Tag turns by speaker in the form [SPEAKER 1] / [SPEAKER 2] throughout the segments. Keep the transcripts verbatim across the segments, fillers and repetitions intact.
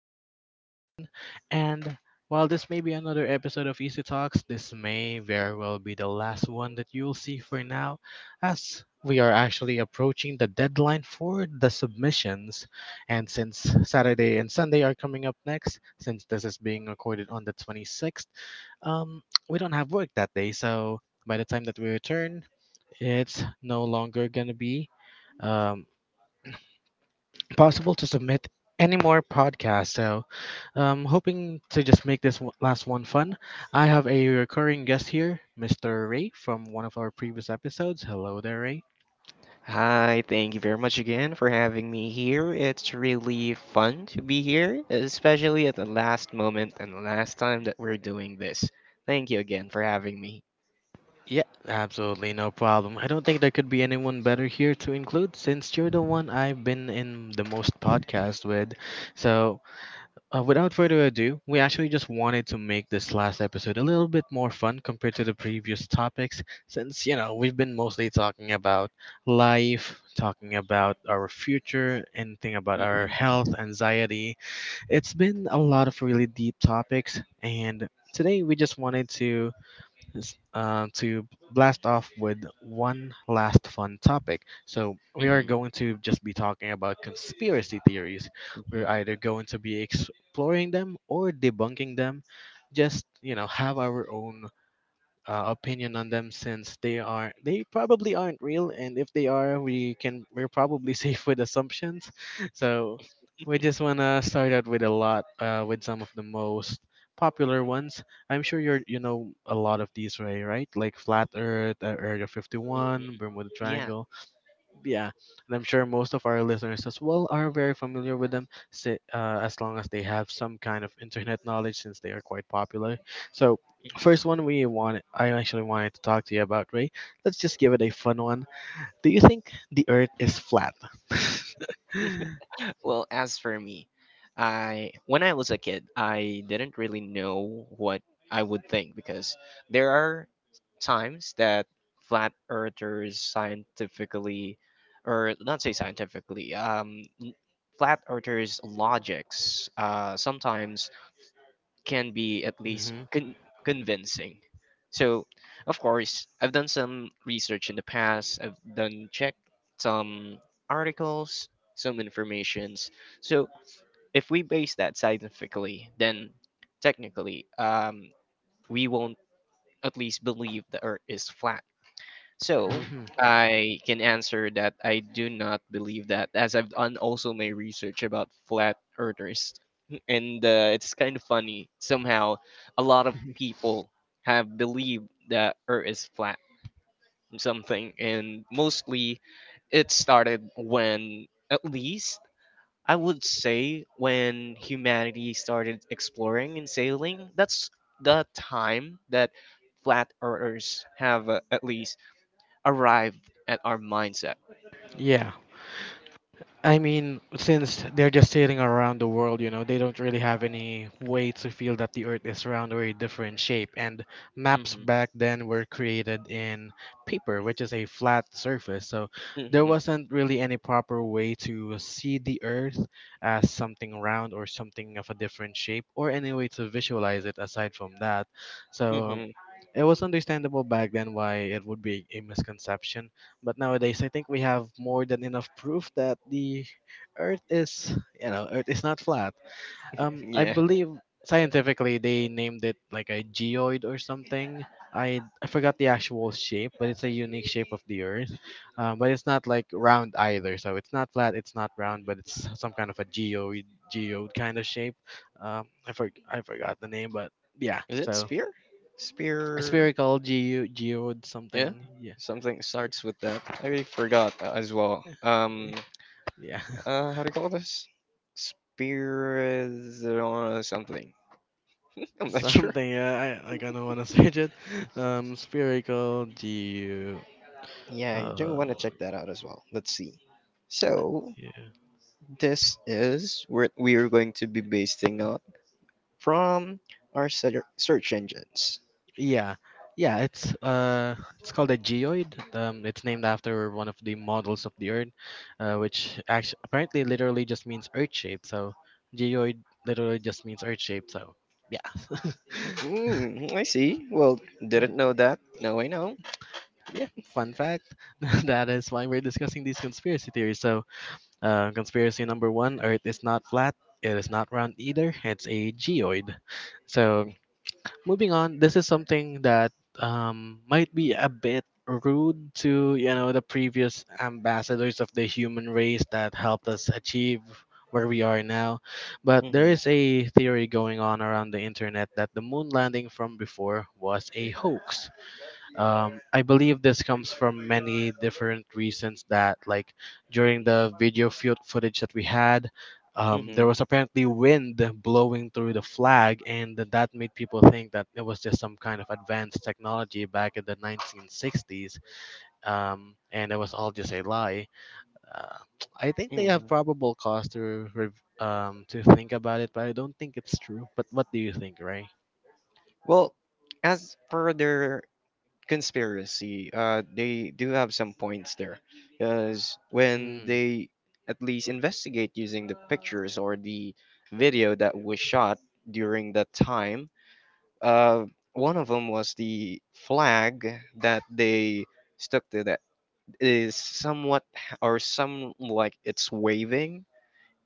[SPEAKER 1] again your host, Chen. And while this may be another episode of Easy Talks, this may very well be the last one that you'll see for now, as we are actually approaching the deadline for the submissions. And since Saturday and Sunday are coming up next, since this is being recorded on the twenty-sixth, um, we don't have work that day, so by the time that we return, it's no longer going to be um, possible to submit any more podcasts. So, um, hoping to just make this one, last one fun. I have a recurring guest here, mister Ray, from one of our previous episodes. Hello there, Ray.
[SPEAKER 2] Hi, thank you very much again for having me here. It's really fun to be here, especially at the last moment and the last time that we're doing this. Thank you again for having me.
[SPEAKER 1] Yeah, absolutely, no problem. I don't think there could be anyone better here to include since you're the one I've been in the most podcast with. So Uh, without further ado, we actually just wanted to make this last episode a little bit more fun compared to the previous topics, since, you know, we've been mostly talking about life, talking about our future, anything about our
[SPEAKER 2] Hmm.
[SPEAKER 1] health, anxiety. It's been a lot of really deep topics, and today we just wanted to s- uh, to blast off with one last fun topic. So, we are
[SPEAKER 2] Hmm.
[SPEAKER 1] going to just be talking about conspiracy theories.
[SPEAKER 2] Hmm.
[SPEAKER 1] We're
[SPEAKER 2] Hmm.
[SPEAKER 1] either going to be exploring them or debunking them, just, you know, have our own uh, opinion on them since they are they probably aren't real, and if they are, we can we're probably safe with assumptions. So we just wanna start out with a lot uh, with some of the most popular ones. I'm sure you're you know a lot of these, right? Right, like flat Earth, uh, Area fifty-one, Bermuda
[SPEAKER 2] Yeah.
[SPEAKER 1] Triangle, yeah, and I'm sure most of our listeners as well are very familiar with them, si- uh, as long as they have some kind of internet knowledge, since they are quite popular. So, first one we want, I actually wanted to talk to you about, Ray. Let's just give it a fun one. Do you think the Earth is flat?
[SPEAKER 2] Well, as for me, I when I was a kid, I didn't really know what I would think, because there are times that flat earthers scientifically, or not say scientifically, um n- flat earthers logics uh sometimes can be at least
[SPEAKER 1] Hmm.
[SPEAKER 2] con- convincing. So, of course, I've done some research in the past. I've done check some articles, some informations. So, if we base that scientifically, then technically, um, we won't at least believe the Earth is flat. So
[SPEAKER 1] Hmm.
[SPEAKER 2] I can answer that I do not believe that, as I've done also my research about flat earthers. And uh, it's kind of funny. Somehow, a lot of people have believed that Earth is flat or something. And mostly, it started when, at least, I would say, when humanity started exploring and sailing. That's the time that flat earthers have uh, at least arrived at our mindset.
[SPEAKER 1] Yeah. I mean, since they're just sailing around the world, you know, they don't really have any way to feel that the Earth is round or a different shape. And maps
[SPEAKER 2] Mhm.
[SPEAKER 1] back then were created in paper, which is a flat surface. So there
[SPEAKER 2] Mhm.
[SPEAKER 1] wasn't really any proper way to see the Earth as something round or something of a different shape, or any way to visualize it aside from that. So
[SPEAKER 2] Mhm.
[SPEAKER 1] it was understandable back then why it would be a misconception, but nowadays I think we have more than enough proof that the Earth is, you know, Earth is not flat. Um, I
[SPEAKER 2] Yeah.
[SPEAKER 1] believe scientifically they named it like a geoid or something. I I forgot the actual shape, but it's a unique shape of the Earth. Um, but it's not like round either, so it's not flat, it's not round, but it's some kind of a geoid, geoid kind of shape. Um, I for, I forgot the name, but yeah,
[SPEAKER 2] Is it
[SPEAKER 1] so
[SPEAKER 2] spear? Spear.
[SPEAKER 1] spherical geo geode
[SPEAKER 2] Yeah.
[SPEAKER 1] something. Yeah,
[SPEAKER 2] Something starts with that. I already forgot uh, as well.
[SPEAKER 1] y-
[SPEAKER 2] Um.
[SPEAKER 1] yeah,
[SPEAKER 2] Uh. How do you call this? Spear is uh, something. I'm not sure.
[SPEAKER 1] something. Yeah, I I kind of wanna search it. Um, spherical geo.
[SPEAKER 2] Yeah, you do
[SPEAKER 1] Uh,
[SPEAKER 2] want to check that out as well. Let's see. So
[SPEAKER 1] yeah,
[SPEAKER 2] this is what we are going to be basing out from our ser- search engines.
[SPEAKER 1] yeah, yeah. It's uh, it's called a geoid. Um, it's named after one of the models of the Earth, uh, which actually apparently literally just means Earth shape. So geoid literally just means Earth shape. So yeah.
[SPEAKER 2] Mm, I see. Well, didn't know that. Now I know.
[SPEAKER 1] Yeah, fun fact. That is why we're discussing these conspiracy theories. So, Uh, conspiracy number one, Earth is not flat, it is not round either, it's a geoid. So, moving on, this is something that um, might be a bit rude to, you know, the previous ambassadors of the human race that helped us achieve where we are now, but there
[SPEAKER 2] Mm-hmm.
[SPEAKER 1] is a theory going on around the internet that the moon landing from before was a hoax. um, I believe this comes from many different reasons, that like during the video fut- footage that we had, um, there
[SPEAKER 2] Mm-hmm.
[SPEAKER 1] was apparently wind blowing through the flag, and th- that made people think that it was just some kind of advanced technology back in the nineteen sixties, um, and it was all just a lie. Uh, I think they have
[SPEAKER 2] Mm-hmm.
[SPEAKER 1] probable cause to rev- um, to think about it, but I don't think it's true. But what do you think, Ray?
[SPEAKER 2] Well, as for their conspiracy, uh, they do have some points there, because when
[SPEAKER 1] Mm,
[SPEAKER 2] they at least investigate using the pictures or the video that was shot during that time, uh, one of them was the flag that they stuck to that is somewhat h- or some like it's waving,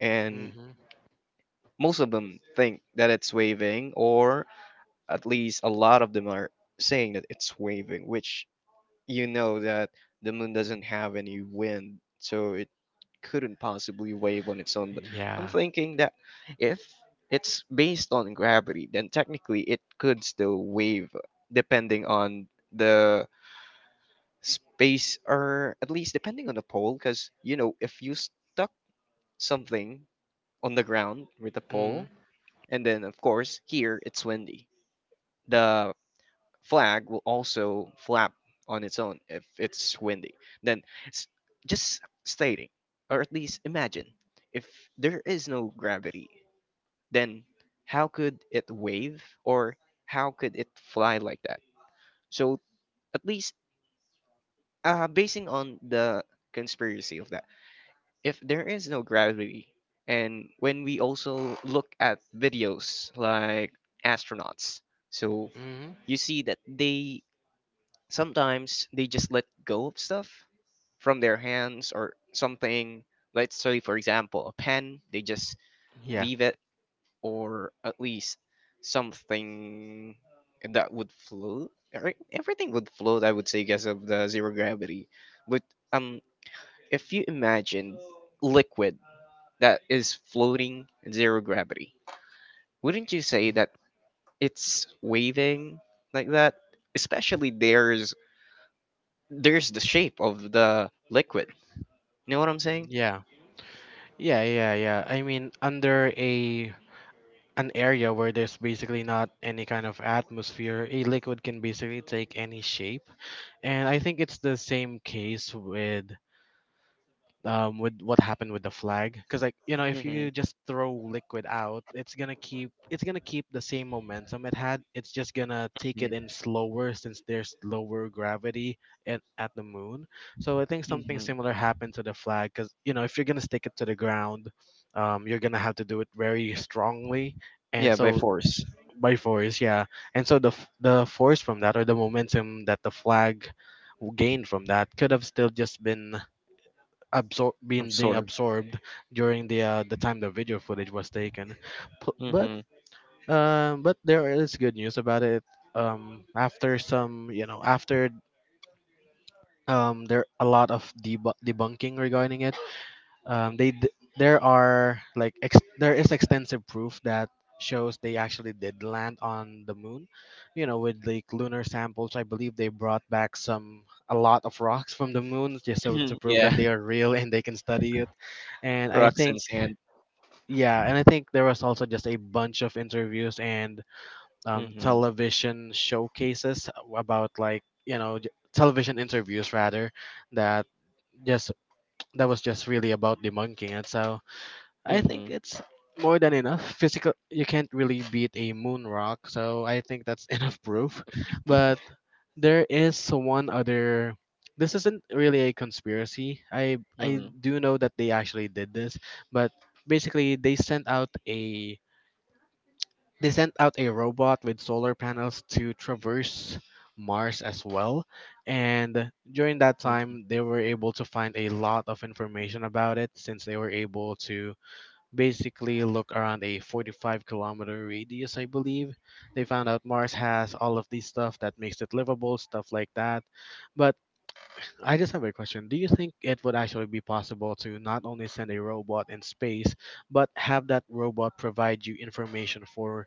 [SPEAKER 2] and
[SPEAKER 1] mm-hmm.
[SPEAKER 2] most of them think that it's waving, or at least a lot of them are saying that it's waving, which you know that the moon doesn't have any wind, so it couldn't possibly wave on its own. But I'm
[SPEAKER 1] Yeah.
[SPEAKER 2] thinking that if it's based on gravity, then technically it could still wave depending on the space, or at least depending on the pole, because you know, if you stuck something on the ground with a
[SPEAKER 1] Mm,
[SPEAKER 2] pole, and then, of course, here it's windy, the flag will also flap on its own if it's windy. Then, s- just stating, or at least imagine, if there is no gravity, then how could it wave, or how could it fly like that? So, at least uh, basing on the conspiracy of that, if there is no gravity, and when we also look at videos like astronauts, so
[SPEAKER 1] mm-hmm.
[SPEAKER 2] you see that they sometimes they just let go of stuff from their hands or something. Let's say, for example, a pen, they just
[SPEAKER 1] Yeah.
[SPEAKER 2] leave it, or at least something that would float. Every- everything would float, I would say, because of the zero gravity. But um if you imagine liquid that is floating in zero gravity, wouldn't you say that it's waving like that, especially there's there's the shape of the liquid? You know what I'm saying?
[SPEAKER 1] Yeah, yeah, yeah, yeah. I mean, under a an area where there's basically not any kind of atmosphere, a liquid can basically take any shape. And I think it's the same case with um, with what happened with the flag, because, like, you know, if
[SPEAKER 2] Mm-hmm.
[SPEAKER 1] you just throw liquid out, it's gonna keep, it's gonna keep the same momentum it had, it's just gonna take it in slower since there's lower gravity at, at the moon. So I think something
[SPEAKER 2] Mm-hmm.
[SPEAKER 1] similar happened to the flag because, you know, if you're gonna stick it to the ground, um, you're gonna have to do it very strongly, and
[SPEAKER 2] Yeah, by
[SPEAKER 1] so
[SPEAKER 2] force.
[SPEAKER 1] by force, yeah. And so the f- the force from that or the momentum that the flag gained from that could have still just been absor- being being
[SPEAKER 2] Absorb.
[SPEAKER 1] absorbed during the uh, the time the video footage was taken. P- But
[SPEAKER 2] Mm-hmm.
[SPEAKER 1] um, but there is good news about it. Um, after some, you know, after um, there a lot of deb- debunking regarding it, um, they d- there are like ex- there is extensive proof that shows they actually did land on the moon, you know, with like lunar samples. I believe they brought back some a lot of rocks from the moon just so to prove that
[SPEAKER 2] Yeah,
[SPEAKER 1] they are real and they can study it. And I
[SPEAKER 2] rocks
[SPEAKER 1] think,
[SPEAKER 2] and sand.
[SPEAKER 1] yeah, and I think there was also just a bunch of interviews and um,
[SPEAKER 2] Mm-hmm.
[SPEAKER 1] television showcases about, like, you know, j- television interviews rather, that just that was just really about debunking it. So I think
[SPEAKER 2] Mm-hmm.
[SPEAKER 1] it's more than enough. Physical, you can't really beat a moon rock, so I think that's enough proof. But there is one other. This isn't really a conspiracy. I I
[SPEAKER 2] Mm-hmm.
[SPEAKER 1] do know that they actually did this, but basically they sent out a they sent out a robot with solar panels to traverse Mars as well. And during that time, they were able to find a lot of information about it since they were able to basically look around a forty-five kilometer radius, I believe. They found out Mars has all of these stuff that makes it livable, stuff like that. But I just have a question. Do you think it would actually be possible to not only send a robot in space, but have that robot provide you information for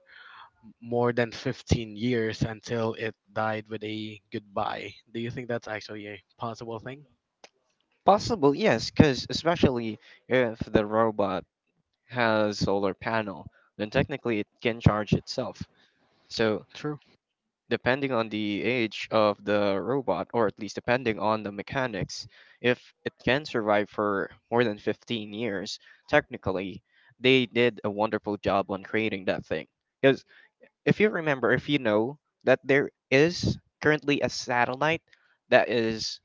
[SPEAKER 1] more than fifteen years until it died with a goodbye? Do you think that's actually a possible thing?
[SPEAKER 2] Possible, yes, because especially if the robot has solar panel, then technically it can charge itself. So
[SPEAKER 1] True.
[SPEAKER 2] depending on the age of the robot, or at least depending on the mechanics, if it can survive for more than fifteen years, technically, they did a wonderful job on creating that thing. Because if you remember, if you know that there is currently a satellite that is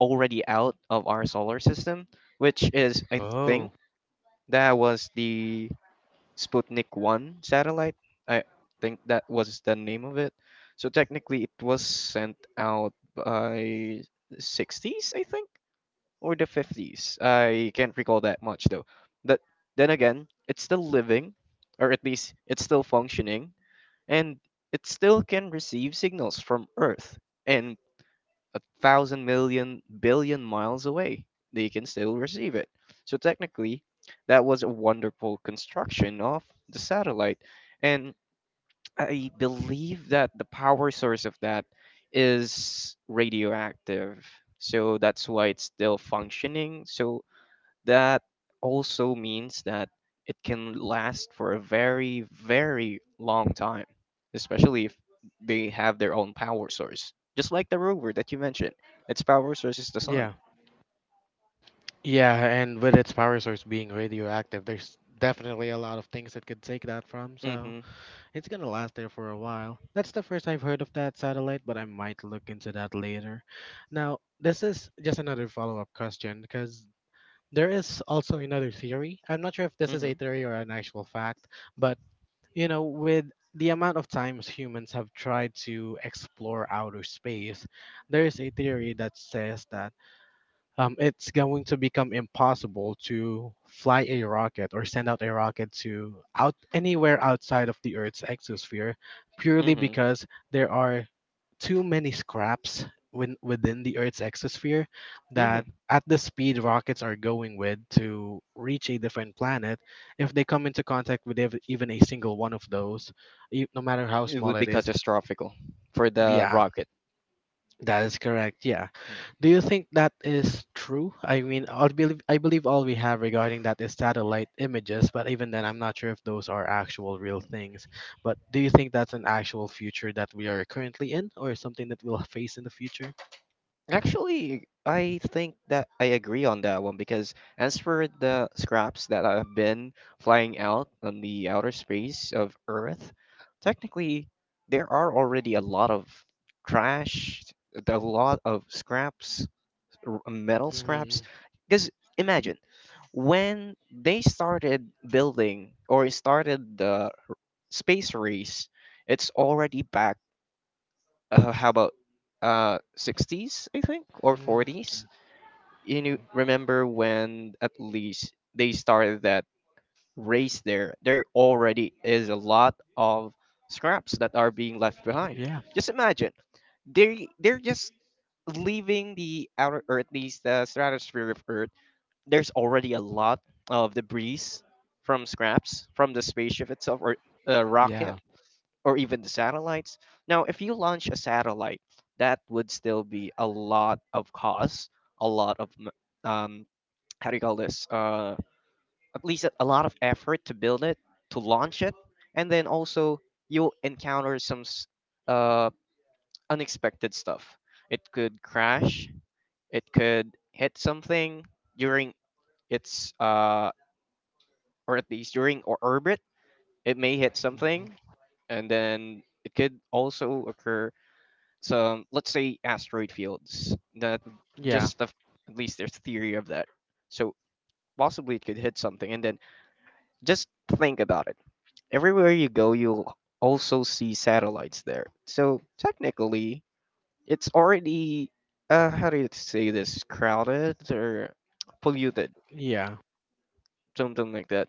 [SPEAKER 2] already out of our solar system, which is, I think,
[SPEAKER 1] Oh,
[SPEAKER 2] that was the Sputnik one satellite. I think that was the name of it. So technically, it was sent out by sixties, I think, or the fifties. I can't recall that much, though. But then again, it's still living, or at least it's still functioning, and it still can receive signals from Earth. And a thousand million billion miles away, they can still receive it. So technically, that was a wonderful construction of the satellite. And I believe that the power source of that is radioactive. So that's why it's still functioning. So that also means that it can last for a very, very long time, especially if they have their own power source. Just like the rover that you mentioned, its power source is the sun.
[SPEAKER 1] yeah. Yeah, and with its power source being radioactive, there's definitely a lot of things that could take that from, so
[SPEAKER 2] Mm-hmm.
[SPEAKER 1] it's gonna last there for a while. That's the first I've heard of that satellite, but I might look into that later. Now, this is just another follow up question because there is also another theory. I'm not sure if this is
[SPEAKER 2] Mm-hmm.
[SPEAKER 1] a theory or an actual fact, but, you know, with the amount of times humans have tried to explore outer space, there is a theory that says that um, it's going to become impossible to fly a rocket or send out a rocket to out anywhere outside of the Earth's exosphere, purely
[SPEAKER 2] Mm-hmm.
[SPEAKER 1] because there are too many scraps within within the Earth's exosphere,
[SPEAKER 2] Mm-hmm.
[SPEAKER 1] that at the speed rockets are going with to reach a different planet, if they come into contact with ev- even a single one of those, e- no matter how
[SPEAKER 2] It
[SPEAKER 1] small
[SPEAKER 2] would
[SPEAKER 1] it
[SPEAKER 2] be
[SPEAKER 1] is,
[SPEAKER 2] catastrophical for the
[SPEAKER 1] yeah,
[SPEAKER 2] rocket.
[SPEAKER 1] that is correct. Yeah. Do you think that is true? I mean, I believe I believe all we have regarding that is satellite images, but even then, I'm not sure if those are actual real things. But do you think that's an actual future that we are currently in, or something that we'll face in the future?
[SPEAKER 2] Actually, I think that I agree on that one, because as for the scraps that have been flying out on the outer space of Earth, technically there are already a lot of trash, a lot of scraps, r- metal
[SPEAKER 1] Hmm.
[SPEAKER 2] scraps. Because imagine when they started building, or started the space race, it's already back. Uh, how about uh sixties, I think, or forties? You knew, remember when at least they started that race, there there already is a lot of scraps that are being left behind.
[SPEAKER 1] Yeah,
[SPEAKER 2] Just imagine, they they're just leaving the outer, or at least the stratosphere of Earth, there's already a lot of debris, from scraps from the spaceship itself, or a rocket,
[SPEAKER 1] yeah,
[SPEAKER 2] or even the satellites. Now if you launch a satellite, that would still be a lot of cost, a lot of m- um, how do you call this, uh at least a a lot of effort to build it, to launch it. And then also you'll encounter some s- uh unexpected stuff. It could crash, it could hit something during its uh or at least during or orbit, it may hit something.
[SPEAKER 1] mhm.
[SPEAKER 2] And then it could also occur some, let's say, asteroid fields that,
[SPEAKER 1] Yeah,
[SPEAKER 2] just the, at least there's theory of that, so possibly it could hit something. And then, just think about it. Everywhere you go, you'll also see satellites there. So technically, it's already, uh how do you say this, crowded or polluted,
[SPEAKER 1] yeah.
[SPEAKER 2] something like that.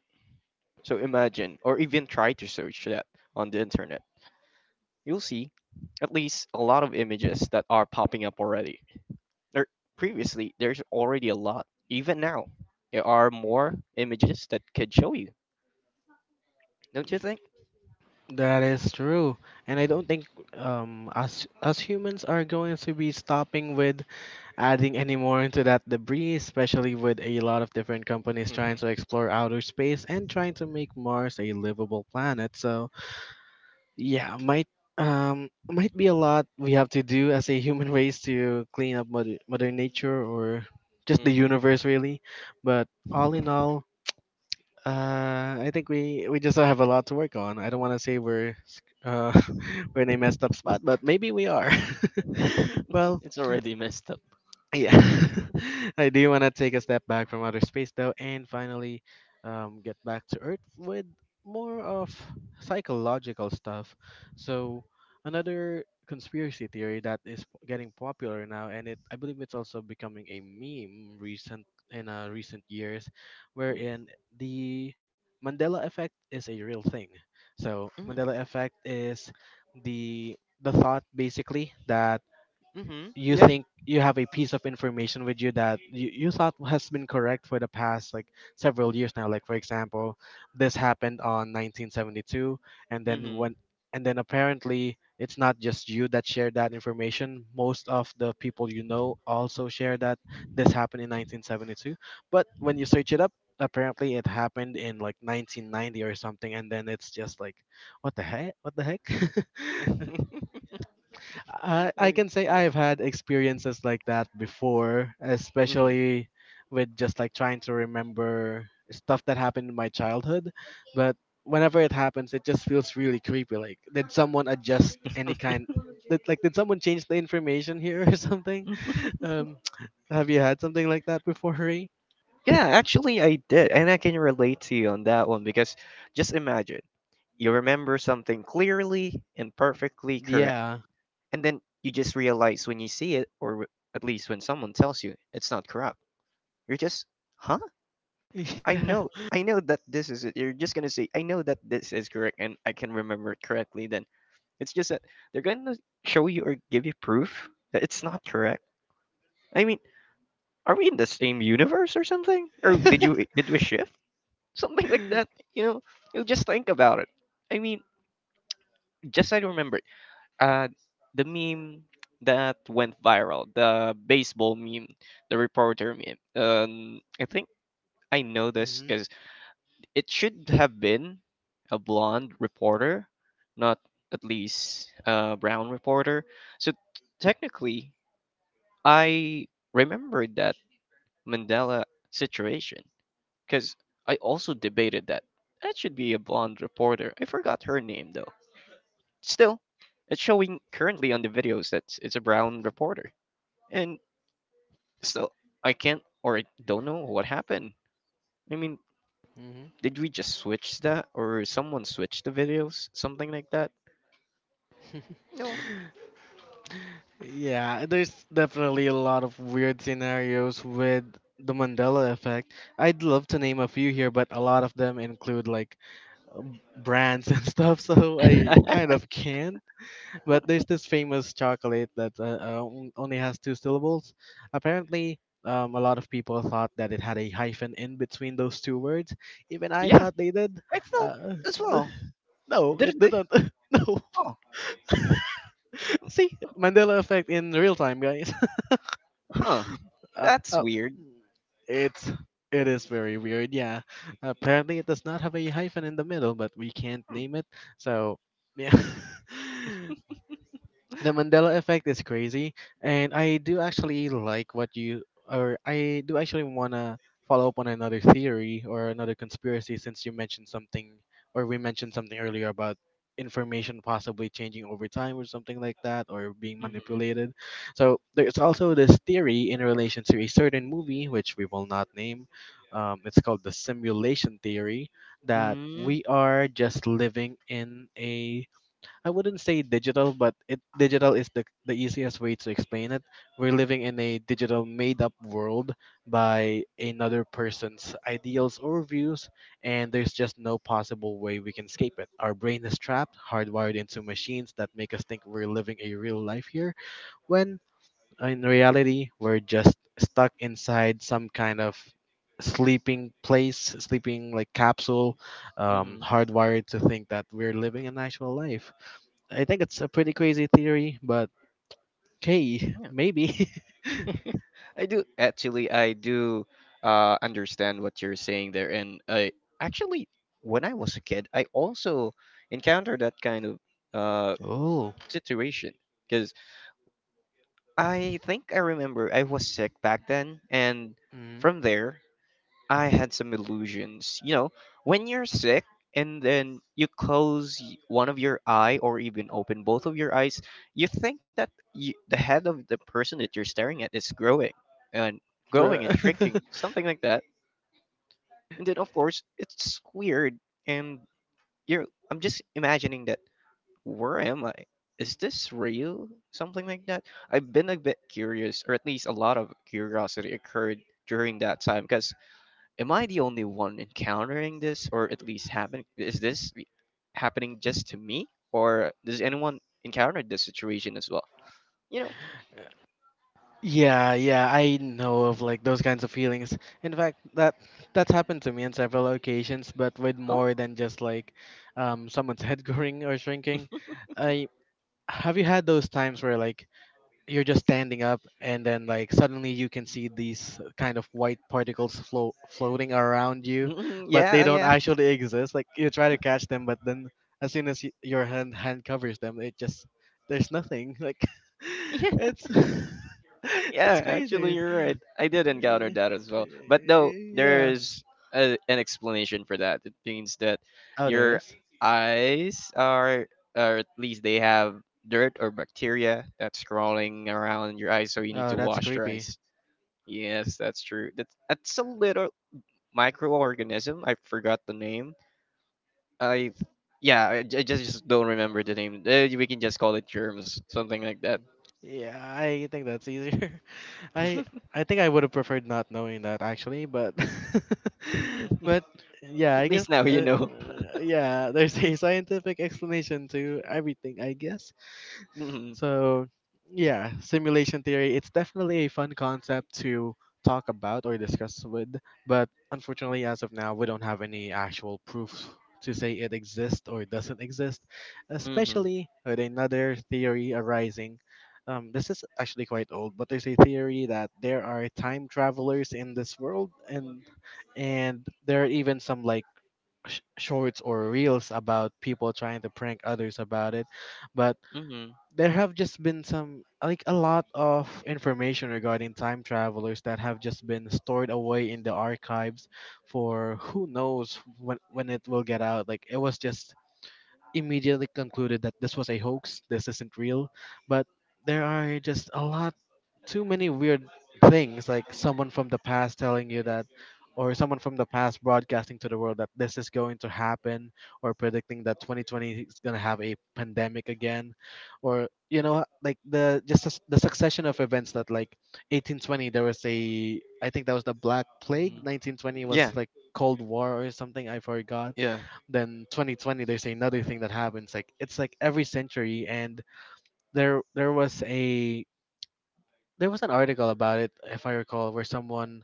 [SPEAKER 2] So imagine, or even try to search that on the internet. You'll see at least a lot of images that are popping up already. There previously there's already a lot. Even now, there are more images that could show you. Don't you think?
[SPEAKER 1] That is true, and I don't think um us us humans are going to be stopping with adding any more into that debris, especially with a lot of different companies trying
[SPEAKER 2] Hmm.
[SPEAKER 1] to explore outer space and trying to make Mars a livable planet. So yeah, might um might be a lot we have to do as a human race to clean up mother, mother nature or just the
[SPEAKER 2] Hmm.
[SPEAKER 1] universe, really. But all in all, uh, I think we we just have a lot to work on. I don't want to say we're sc- uh, we're in a messed up spot, but maybe we are. well,
[SPEAKER 2] It's already messed up.
[SPEAKER 1] yeah, I do want to take a step back from outer space though, and finally, um, get back to Earth with more of psychological stuff. So, another conspiracy theory that is p- getting popular now, and it I believe it's also becoming a meme recent in uh, recent years,
[SPEAKER 2] Mm.
[SPEAKER 1] wherein the Mandela effect is a real thing. So,
[SPEAKER 2] Mm.
[SPEAKER 1] Mandela effect is the the thought basically that
[SPEAKER 2] Mm-hmm.
[SPEAKER 1] you
[SPEAKER 2] Yeah.
[SPEAKER 1] think you have a piece of information with you that you, you thought has been correct for the past like several years now, like for example this happened on nineteen seventy-two, and then
[SPEAKER 2] Mm-hmm.
[SPEAKER 1] when and then apparently it's not just you that shared that information. Most of the people you know also share that this happened in nineteen seventy-two, but when you search it up, apparently it happened in like nineteen ninety or something. And then it's just like, what the heck what the heck I,
[SPEAKER 2] I
[SPEAKER 1] I
[SPEAKER 2] mean,
[SPEAKER 1] can say
[SPEAKER 2] yeah.
[SPEAKER 1] I've had experiences like that before,
[SPEAKER 2] Mm-hmm.
[SPEAKER 1] especially with just like trying to remember stuff that happened in my childhood. But whenever it happens, it just feels really creepy. Like, did someone adjust any kind? Did, like, did someone change the information here, or something? Um, have you had something like that before, Ray?
[SPEAKER 2] Yeah, actually, I did. And I can relate to you on that one, because just imagine, you remember something clearly and perfectly correct,
[SPEAKER 1] Yeah.
[SPEAKER 2] and then you just realize when you see it, or w- at least when someone tells you it's not corrupt, you're just, huh? I
[SPEAKER 1] Yeah.
[SPEAKER 2] know. I know that this is it. You're just going to say, I know that this is correct and I can remember it correctly then. It's just that they're gonna show you, or give you proof, that it's not correct. I mean, are we in the same universe or something? Or did you did we shift? Something like that. You know, you just think about it. I mean, just so I remember uh the meme that went viral, the baseball meme, the reporter meme. Um, I think I know this because it should have been a blonde reporter, not at least a brown reporter. So technically I remembered that Mandela situation, because I also debated that. That should be a blonde reporter. I forgot her name though. Still, it's showing currently on the videos that it's a brown reporter. And still, I can't, or I don't know what happened. I mean,
[SPEAKER 1] Mhm.
[SPEAKER 2] did we just switch that, or someone switched the videos? Something like that?
[SPEAKER 1] Mhm.
[SPEAKER 2] No.
[SPEAKER 1] Yeah, there's definitely a lot of weird scenarios with the Mandela effect. I'd love to name a few here, but a lot of them include like um, brands and stuff, so I kind of can't. But there's this famous chocolate that uh, uh, on- only has two syllables. Apparently, um, a lot of people thought that it had a hyphen in between those two words. Even I
[SPEAKER 2] Yeah,
[SPEAKER 1] thought they did.
[SPEAKER 2] I thought
[SPEAKER 1] Uh,
[SPEAKER 2] as well.
[SPEAKER 1] no, it
[SPEAKER 2] Didn't they?
[SPEAKER 1] didn't. No.
[SPEAKER 2] Oh,
[SPEAKER 1] See, Mandela effect in real time, guys.
[SPEAKER 2] huh.
[SPEAKER 1] Uh,
[SPEAKER 2] That's
[SPEAKER 1] uh,
[SPEAKER 2] weird.
[SPEAKER 1] it's it is very weird. Yeah, apparently it does not have a hyphen in the middle, but we can't
[SPEAKER 2] Hmm.
[SPEAKER 1] name it. So yeah, the Mandela effect is crazy, and I do actually like what you or I do actually want to follow up on another theory or another conspiracy, since you mentioned something, or we mentioned something earlier, about information possibly changing over time or something like that, or being manipulated. So there's also this theory in relation to a certain movie which we will not name. Um, it's called the simulation theory, that
[SPEAKER 2] Mhm.
[SPEAKER 1] we are just living in a, I wouldn't say digital, but it digital is the the easiest way to explain it. We're living in a digital made up world by another person's ideals or views, and there's just no possible way we can escape it. Our brain is trapped, hardwired into machines that make us think we're living a real life here, when in reality we're just stuck inside some kind of sleeping place, sleeping like capsule, um,
[SPEAKER 2] Mm-hmm.
[SPEAKER 1] hardwired to think that we're living an actual life. I think it's a pretty crazy theory, but hey,
[SPEAKER 2] Yeah.
[SPEAKER 1] maybe.
[SPEAKER 2] I do actually. I do uh, understand what you're saying there. And I actually, when I was a kid, I also encountered that kind of uh,
[SPEAKER 1] Oh.
[SPEAKER 2] situation, because I think I remember I was sick back then, and from
[SPEAKER 1] Mm.
[SPEAKER 2] there, I had some illusions. You know, when you're sick and then you close y- one of your eye, or even open both of your eyes, you think that you, the head of the person that you're staring at, is growing and growing and shrinking,
[SPEAKER 1] The-
[SPEAKER 2] something like that. And then of course, it's weird, and you're I'm just imagining that, where am I? Is this real? Something like that. I've been a bit curious, or at least a lot of curiosity occurred during that time, because am I the only one encountering this, or at least happening? Is this re- happening just to me, or does anyone encounter this situation as well? You know,
[SPEAKER 1] yeah, yeah, I know of like those kinds of feelings. In fact, that that's happened to me on several occasions, but with
[SPEAKER 2] oh,
[SPEAKER 1] more than just like um someone's head growing or shrinking. I Have you had those times where like you're just standing up and then like suddenly you can see these kind of white particles float floating around you,
[SPEAKER 2] mm,
[SPEAKER 1] but they
[SPEAKER 2] yeah,
[SPEAKER 1] don't
[SPEAKER 2] yeah,
[SPEAKER 1] actually exist? Like you try to catch them, but then as soon as y your hand hand covers them, it just, there's nothing. Like,
[SPEAKER 2] yeah,
[SPEAKER 1] it's it's
[SPEAKER 2] yeah. Actually,
[SPEAKER 1] crazy.
[SPEAKER 2] you're right. I did
[SPEAKER 1] Uh,
[SPEAKER 2] encounter
[SPEAKER 1] yeah.
[SPEAKER 2] that as well. But
[SPEAKER 1] Uh,
[SPEAKER 2] though
[SPEAKER 1] yeah.
[SPEAKER 2] there's a, an explanation for that. It means that
[SPEAKER 1] Oh, there
[SPEAKER 2] your
[SPEAKER 1] is.
[SPEAKER 2] eyes are, or at least they have dirt or bacteria that's crawling around your eyes, so you need
[SPEAKER 1] Oh,
[SPEAKER 2] to
[SPEAKER 1] that's
[SPEAKER 2] wash your
[SPEAKER 1] creepy.
[SPEAKER 2] eyes. Yes, that's true. That's that's a little microorganism. I forgot the name. I yeah, I, j- I just, just don't remember the name. Uh, we can just call it germs, something like that.
[SPEAKER 1] Yeah, I think that's easier. I I think I would have preferred not knowing that actually, but but yeah,
[SPEAKER 2] At
[SPEAKER 1] I
[SPEAKER 2] least
[SPEAKER 1] guess
[SPEAKER 2] now you
[SPEAKER 1] uh,
[SPEAKER 2] know.
[SPEAKER 1] yeah, there's a scientific explanation to everything, I guess.
[SPEAKER 2] Mm-hmm.
[SPEAKER 1] So, yeah, simulation theory, it's definitely a fun concept to talk about or discuss with, but unfortunately, as of now, we don't have any actual proof to say it exists or doesn't exist,
[SPEAKER 2] Mm-hmm.
[SPEAKER 1] especially with another theory arising. Um, this is actually quite old, but there's a theory that there are time travelers in this world, and and there are even some like sh- shorts or reels about people trying to prank others about it. But
[SPEAKER 2] Mm-hmm.
[SPEAKER 1] there have just been some like a lot of information regarding time travelers that have just been stored away in the archives for who knows when when it will get out. Like, it was just immediately concluded that this was a hoax, this isn't real, but there are just a lot, too many weird things, like someone from the past telling you that, or someone from the past broadcasting to the world that this is going to happen, or predicting that twenty twenty is going to have a pandemic again. Or you know, like the just the s- the succession of events that like eighteen twenty, there was a, I think that was the black
[SPEAKER 2] Hmm.
[SPEAKER 1] plague, nineteen twenty
[SPEAKER 2] Yeah.
[SPEAKER 1] was like cold war or something, I forgot.
[SPEAKER 2] Yeah.
[SPEAKER 1] Then twenty twenty, there's another thing that happens. Like, it's like every century. And there there was a, there was an article about it, if I recall, where someone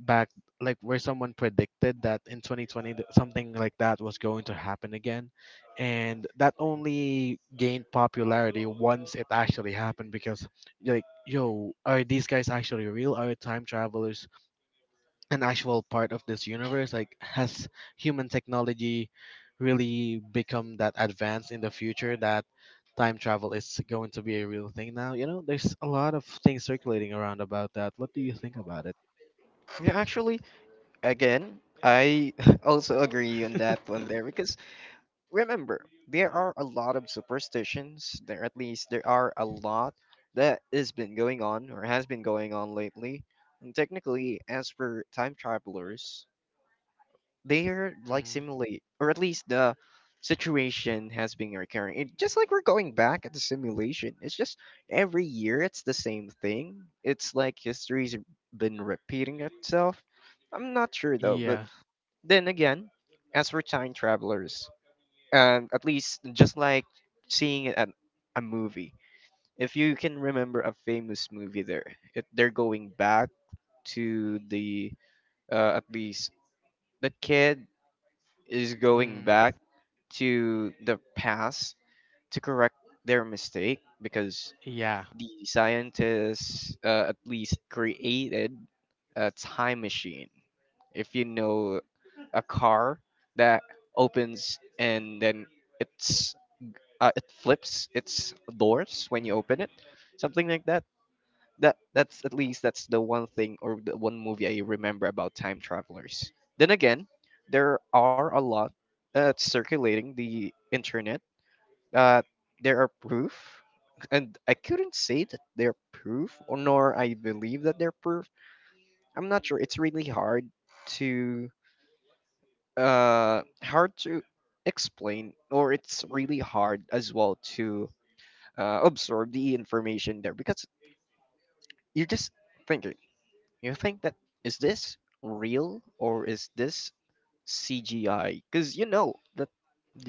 [SPEAKER 1] back, like where someone predicted that in twenty twenty that something like that was going to happen again, and that only gained popularity once it actually happened, because you're like, yo, are these guys actually real? Are time travelers an actual part of this universe? Like, has human technology really become that advanced in the future that time travel is going to be a real thing now? You know, there's a lot of things circulating around about that. What do you think about it?
[SPEAKER 2] Yeah. Actually, again, I also agree on that one there because remember there are a lot of superstitions there. At least there are a lot that has been going on or has been going on lately. And technically, as for time travelers, they are like
[SPEAKER 1] Mm,
[SPEAKER 2] simulate, or at least the situation has been recurring. It, just like we're going back at the simulation, it's just every year it's the same thing. It's like history's been repeating itself. I'm not sure though, but
[SPEAKER 1] yeah.
[SPEAKER 2] then again, as for time travelers, um, at least just like seeing it at a movie, if you can remember a famous movie, there, if they're going back to the uh, at least the kid is going
[SPEAKER 1] Mm,
[SPEAKER 2] back to the past to correct their mistake because
[SPEAKER 1] yeah.
[SPEAKER 2] the scientists uh, at least created a time machine. If you know a car that opens and then it's uh, it flips its doors when you open it, something like that. That that's at least that's the one thing or the one movie I remember about time travelers. Then again, there are a lot uh, circulating the internet, uh, there are proof, and I couldn't say that they're proof, or nor I believe that they're proof. I'm not sure. It's really hard to uh hard to explain, or it's really hard as well to uh, absorb the information there because you're just thinking. You think that is this real or is this C G I? Because you know that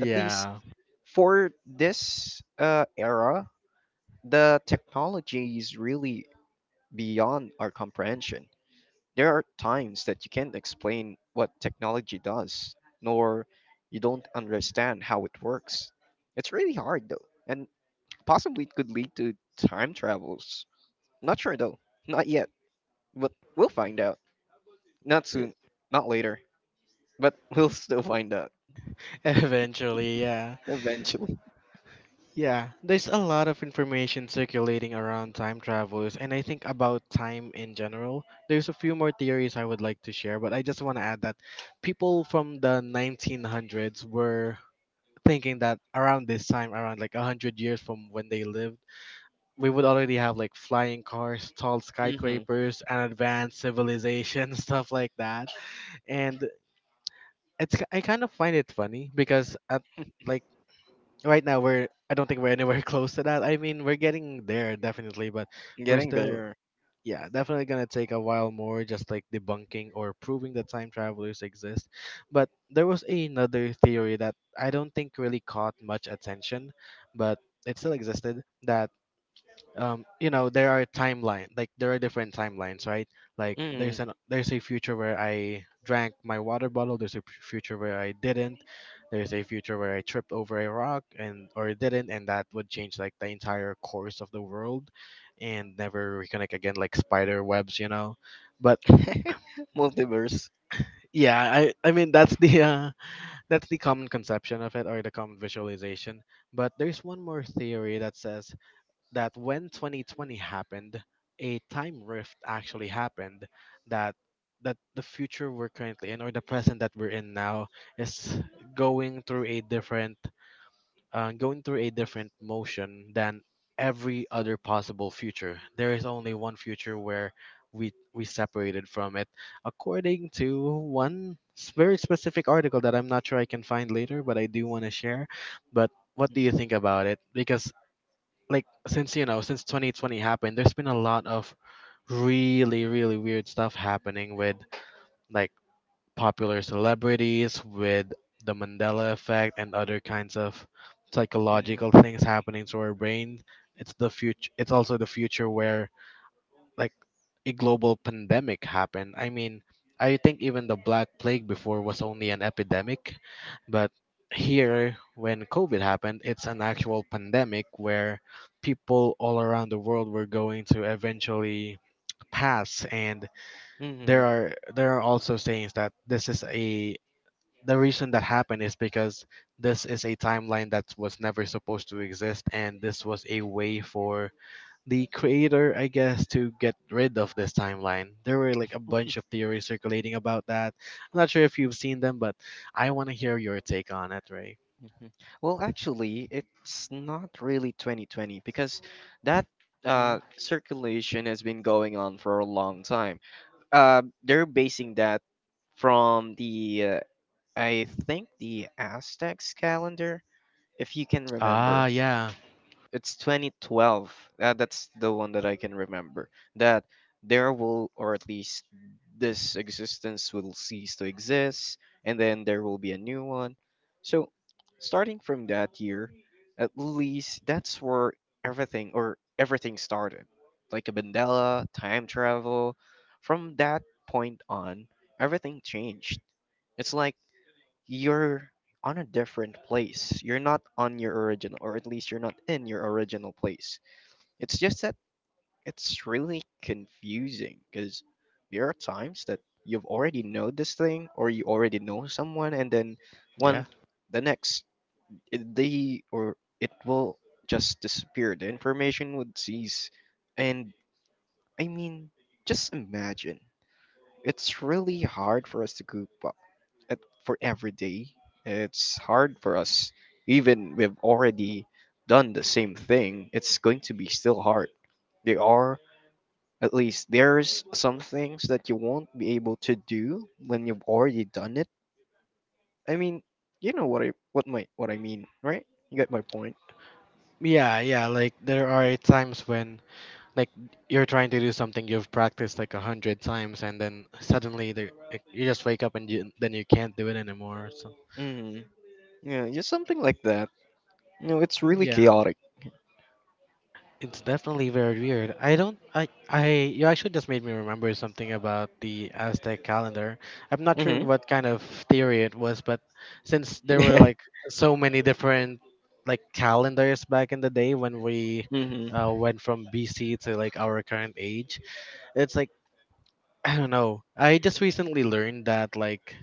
[SPEAKER 2] at least for this uh era the technology is really beyond our comprehension. There are times that you can't explain what technology does, nor you don't understand how it works. It's really hard though, and possibly it could lead to time travels. Not sure though, not yet, but we'll find out. Not soon, not later, but we'll still find out
[SPEAKER 1] eventually, yeah.
[SPEAKER 2] eventually.
[SPEAKER 1] Yeah, there's a lot of information circulating around time travels, and I think about time in general. There's a few more theories I would like to share, but I just want to add that people from the nineteen hundreds were thinking that around this time, around like a hundred years from when they lived, we would already have like flying cars, tall
[SPEAKER 2] Hmm.
[SPEAKER 1] skyscrapers, an advanced civilization, stuff like that. And it's ki- I kind of find it funny, because at like right now we're, I don't think we're anywhere close to that. I mean, we're getting there definitely, but we're
[SPEAKER 2] Getting
[SPEAKER 1] still,
[SPEAKER 2] there.
[SPEAKER 1] yeah, definitely gonna take a while more just like debunking or proving that time travelers exist. But there was another theory that I don't think really caught much attention, but it still existed, that um you know, there are timeline, like there are different timelines, right? Like
[SPEAKER 2] Mm.
[SPEAKER 1] there's an there's a future where I drank my water bottle, there's a p- future where I didn't, there's a future where I tripped over a rock and or didn't, and that would change like the entire course of the world and never reconnect again, like spider webs, you know. But
[SPEAKER 2] Multiverse.
[SPEAKER 1] yeah, i i mean that's the uh that's the common conception of it, or the common visualization. But there's one more theory that says that when twenty twenty happened, a time rift actually happened, that that the future we're currently in, or the present that we're in now, is going through a different uh, going through a different motion than every other possible future. There is only one future where we we separated from it, according to one s- very specific article that I'm not sure I can find later, but I do want to share. But what do you think about it? Because like, since you know, since twenty twenty happened, there's been a lot of really really weird stuff happening with like popular celebrities, with the Mandela effect and other kinds of
[SPEAKER 2] Hmm.
[SPEAKER 1] psychological things happening to our brain. It's the future, it's also the future where like a global pandemic happened. I mean, I think even the Black Plague before was only an epidemic, but here when COVID happened, it's an actual pandemic where people all around the world were going to eventually pass. And there
[SPEAKER 2] Hmm.
[SPEAKER 1] are, there are also sayings that this is a, the reason that happened is because this is a timeline that was never supposed to exist, and this was a way for the creator, I guess, to get rid of this timeline. There were like a bunch of theories circulating about that. I'm not sure if you've seen them, but I want to hear your take on it, Ray.
[SPEAKER 2] Mhm. Well, actually, it's not really twenty twenty because that uh,
[SPEAKER 1] Mm.
[SPEAKER 2] circulation has been going on for a long time. Uh, they're basing that from the, uh, I think, the Aztecs calendar, if you can
[SPEAKER 1] Ah,
[SPEAKER 2] remember
[SPEAKER 1] yeah.
[SPEAKER 2] it's twenty twelve, uh, that's the one that I can remember that there will or at least this existence will cease to exist and then there will be a new one, so starting from that year at least that's where everything or everything started like a bandela time travel. From that point on everything changed. It's like you're on a different place. You're not on your original, or at least you're not in your original place. It's just that it's really confusing because there are times that you've already know this thing or you already know someone, and then
[SPEAKER 1] Yeah.
[SPEAKER 2] one the next it- they or it will just disappear. The information would cease, and I mean, just imagine. It's really hard for us to group it for every day, it's hard for us. Even we've already done the same thing, it's going to be still hard. They are at least there's some things that you won't be able to do when you've already done it. I mean, you know what I what my what I mean, right? You get my point.
[SPEAKER 1] Yeah, yeah, like there are times when like you're trying to do something you've practiced like a hundred times, and then suddenly there, like, you just wake up and you, then you can't do it anymore. So,
[SPEAKER 2] Mm-hmm. Yeah, just something like that. You know, it's really
[SPEAKER 1] yeah.
[SPEAKER 2] chaotic.
[SPEAKER 1] It's definitely very weird. I don't. I. I. You actually just made me remember something about the Aztec calendar. I'm not sure
[SPEAKER 2] Mm-hmm.
[SPEAKER 1] what kind of theory it was, but since there were like so many different like calendars back in the day when we
[SPEAKER 2] mm-hmm.
[SPEAKER 1] uh, went from B C to like our current age, it's like I don't know. I just recently learned that like.